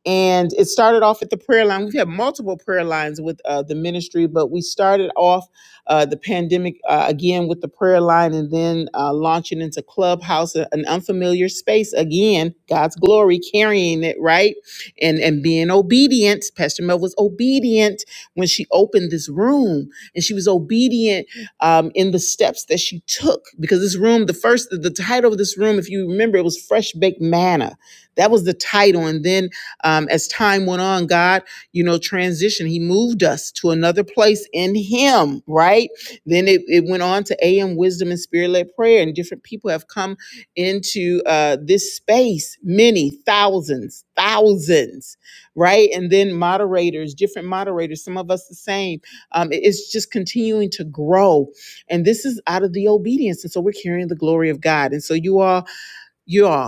And it started off at the prayer line. We've had multiple prayer lines with uh, the ministry, but we started off uh, the pandemic uh, again with the prayer line and then uh, launching into clubhouse a- an unfamiliar space again god's glory carrying it right and and being obedient pastor mel was obedient when she opened this room and she was obedient um, in the steps that she took because this room the first the title of this room if you remember it was fresh baked manna that was the title and then um, as time went on god you know, transition. He moved us to another place in Him, right? Then it, it went on to AM Wisdom and Spirit led prayer, and different people have come into uh, this space many thousands, thousands, right? And then moderators, different moderators, some of us the same. Um, it- it's just continuing to grow. And this is out of the obedience. And so we're carrying the glory of God. And so you all, you all.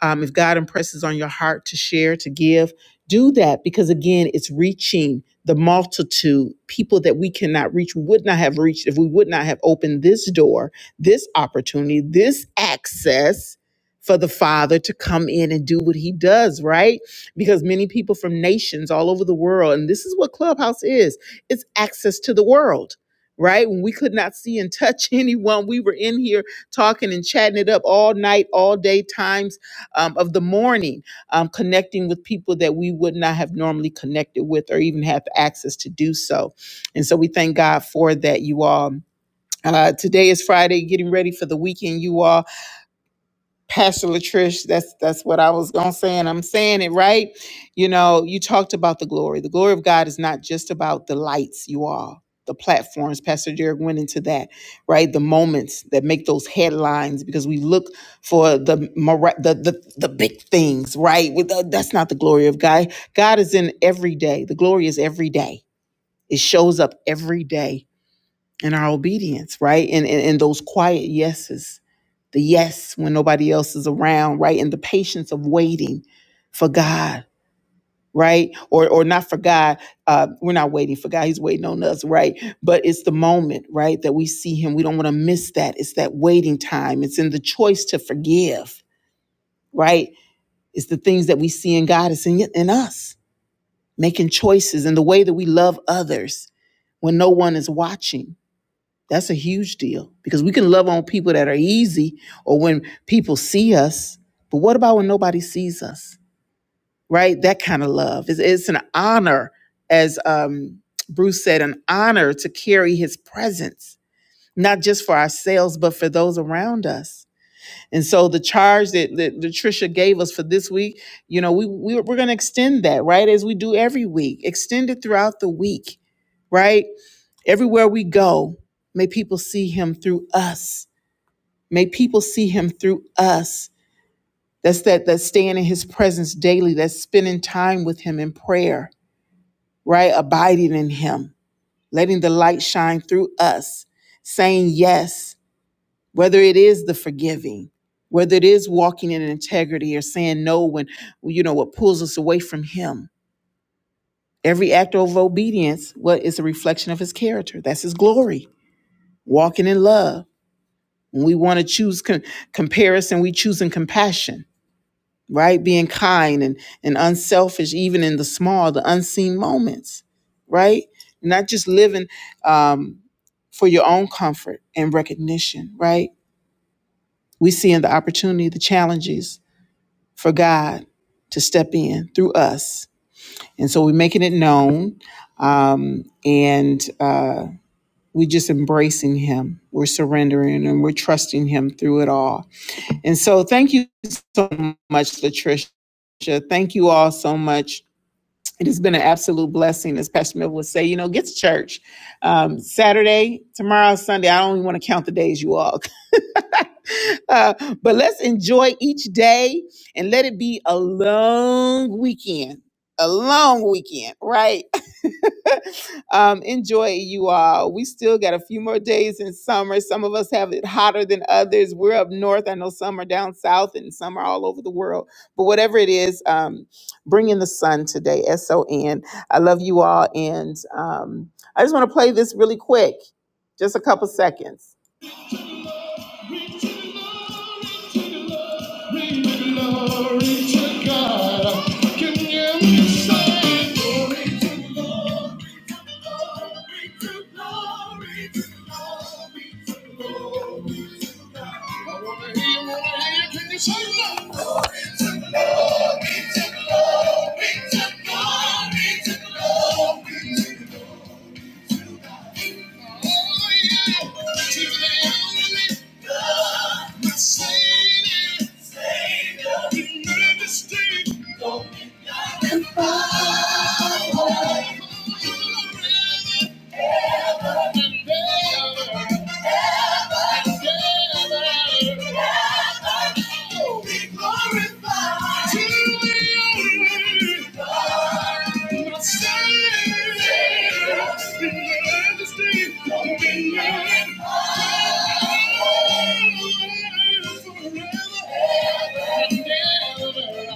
Um, if God impresses on your heart to share, to give, do that because again, it's reaching the multitude, people that we cannot reach, would not have reached if we would not have opened this door, this opportunity, this access for the Father to come in and do what He does, right? Because many people from nations all over the world, and this is what Clubhouse is it's access to the world. Right when we could not see and touch anyone, we were in here talking and chatting it up all night, all day, times um, of the morning, um, connecting with people that we would not have normally connected with or even have access to do so. And so we thank God for that, you all. Uh, today is Friday, getting ready for the weekend, you all. Pastor Latrice, that's that's what I was gonna say, and I'm saying it right. You know, you talked about the glory. The glory of God is not just about the lights, you all, the platforms. Pastor Derek went into that, right? The moments that make those headlines because we look for the mira- the the, the big things, right? With the- that's not the glory of God. God is in every day. The glory is every day. It shows up every day in our obedience, right? And and, and those quiet yeses the yes when nobody else is around, right? And the patience of waiting for God, right? Or or not for God. Uh, we're not waiting for God. He's waiting on us, right? But it's the moment, right, that we see Him. We don't want to miss that. It's that waiting time. It's in the choice to forgive, right? It's the things that we see in God. It's in in us making choices and the way that we love others when no one is watching That's a huge deal because we can love on people that are easy or when people see us. But what about when nobody sees us, right? That kind of love. It's, it's an honor, as um, Bruce said, an honor to carry his presence, not just for ourselves, but for those around us. And so the charge that, that that Tricia gave us for this week, you know, we, we we're going to extend that, right? As we do every week, extend it throughout the week, right? Everywhere we go, may people see him through us May people see him through us. That's that that staying in his presence daily, that's spending time with him in prayer, right? Abiding in him, letting the light shine through us, saying yes, whether it is the forgiving, whether it is walking in integrity or saying no when you know what pulls us away from him. Every act of obedience, what is a reflection of his character? That's his glory. Walking in love. When we want to choose com- comparison, we choose in compassion right? Being kind and, and unselfish, even in the small, the unseen moments, right? Not just living um, for your own comfort and recognition, right? We see in the opportunities for God to stand through. us. And so we're making it known um, and uh, we're just embracing Him. We're surrendering and we're trusting Him through it all. And so thank you so much, Latricia. Thank you all so much It has been an absolute blessing, as Pastor Mill would say. You know, get to church um, Saturday, tomorrow, Sunday. I don't even want to count the days you all Uh, but let's enjoy each day and let it be a long weekend. A long weekend, right? um, enjoy it, you all. We still got a few more days in summer. Some of us have it hotter than others. We're up north. I know some are down south and some are all over the world. But whatever it is, um, bring in the sun today. S O N. I love you all. And um, I just want to play this really quick, just a couple seconds. Reach to the Lord, reach to the Lord, reach the Lord, reach God. Can you hear me say, glory to the Lord? Savior, you never stay. Don't be blind and blind. Forever. and ever.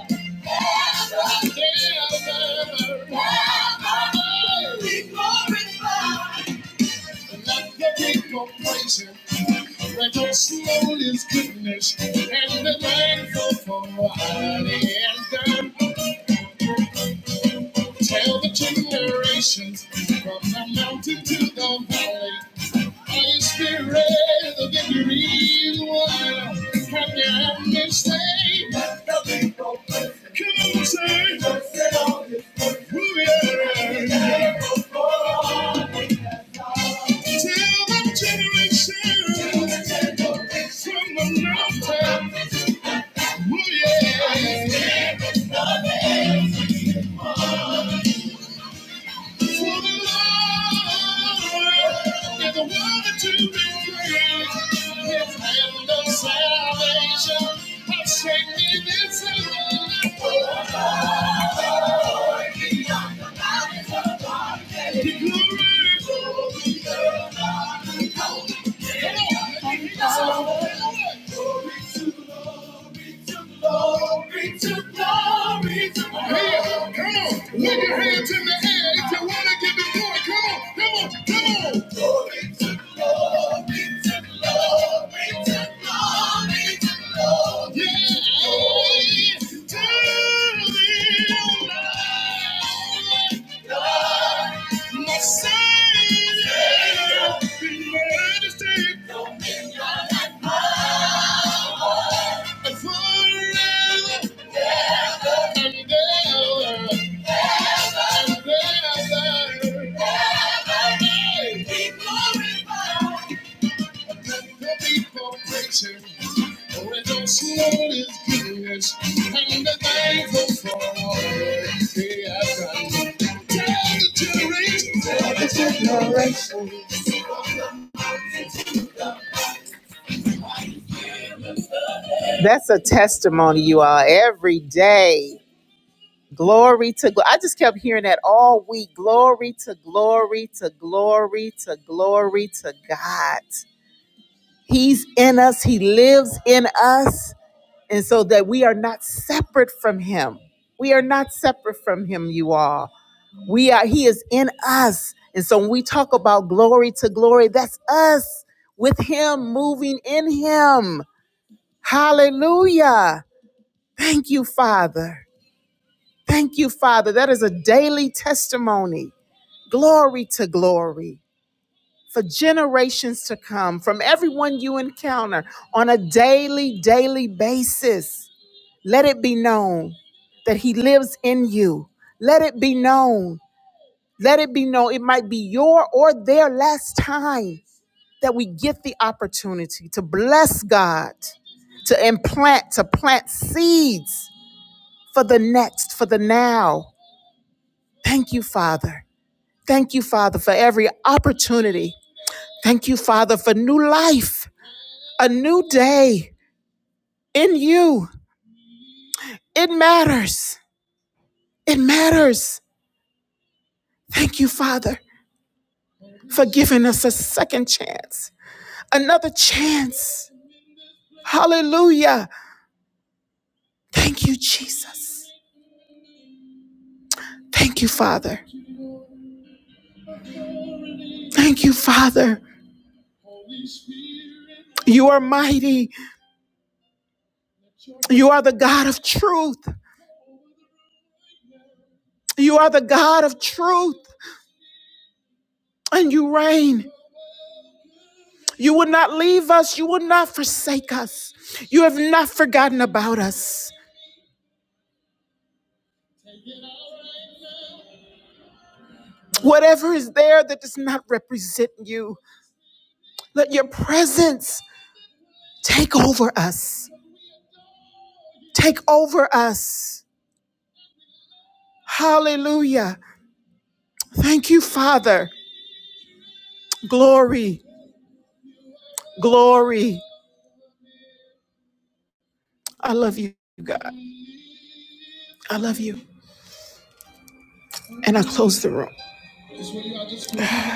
Let us know his goodness and be thankful for what he has done. Tell the generations from the mountain to the valley. Holy Spirit, the victory is won. From your mistake, nothing broken. Come Come on, say, who we are. Tell the generation from the mountain, oh yeah. For the Lord is the one to be praised. His hand of salvation has shaken this earth. For the Lord beyond the mountains. Yeah. My Savior, in majesty, and forever and ever and ever. Hey, the people preaching. Oh, and Yes, Lord is goodness, and the thankful for all that He has done. Tell the generation, tell the generation. That's a testimony, you all, every day. Glory to glory. I just kept hearing that all week. Glory to glory to glory to glory to God. He's in us. He lives in us and so that we are not separate from him we are not separate from him you all we are he is in us and so when we talk about glory to glory that's us with him moving in him hallelujah thank you father thank you father that is a daily testimony glory to glory for generations to come from everyone you encounter on a daily daily basis Let it be known that He lives in you. Let it be known. Let it be known. It might be your or their last time that we get the opportunity to bless God, to implant, to plant seeds for the next, for the now. Thank you, Father. Thank you, Father, for every opportunity. Thank you, Father, for new life, a new day in you. It matters. It matters. Thank you, Father. for giving us a second chance, another chance. Hallelujah. Thank you, Jesus. Thank you, Father. You take Thank you. Glory. Glory. I love you, God.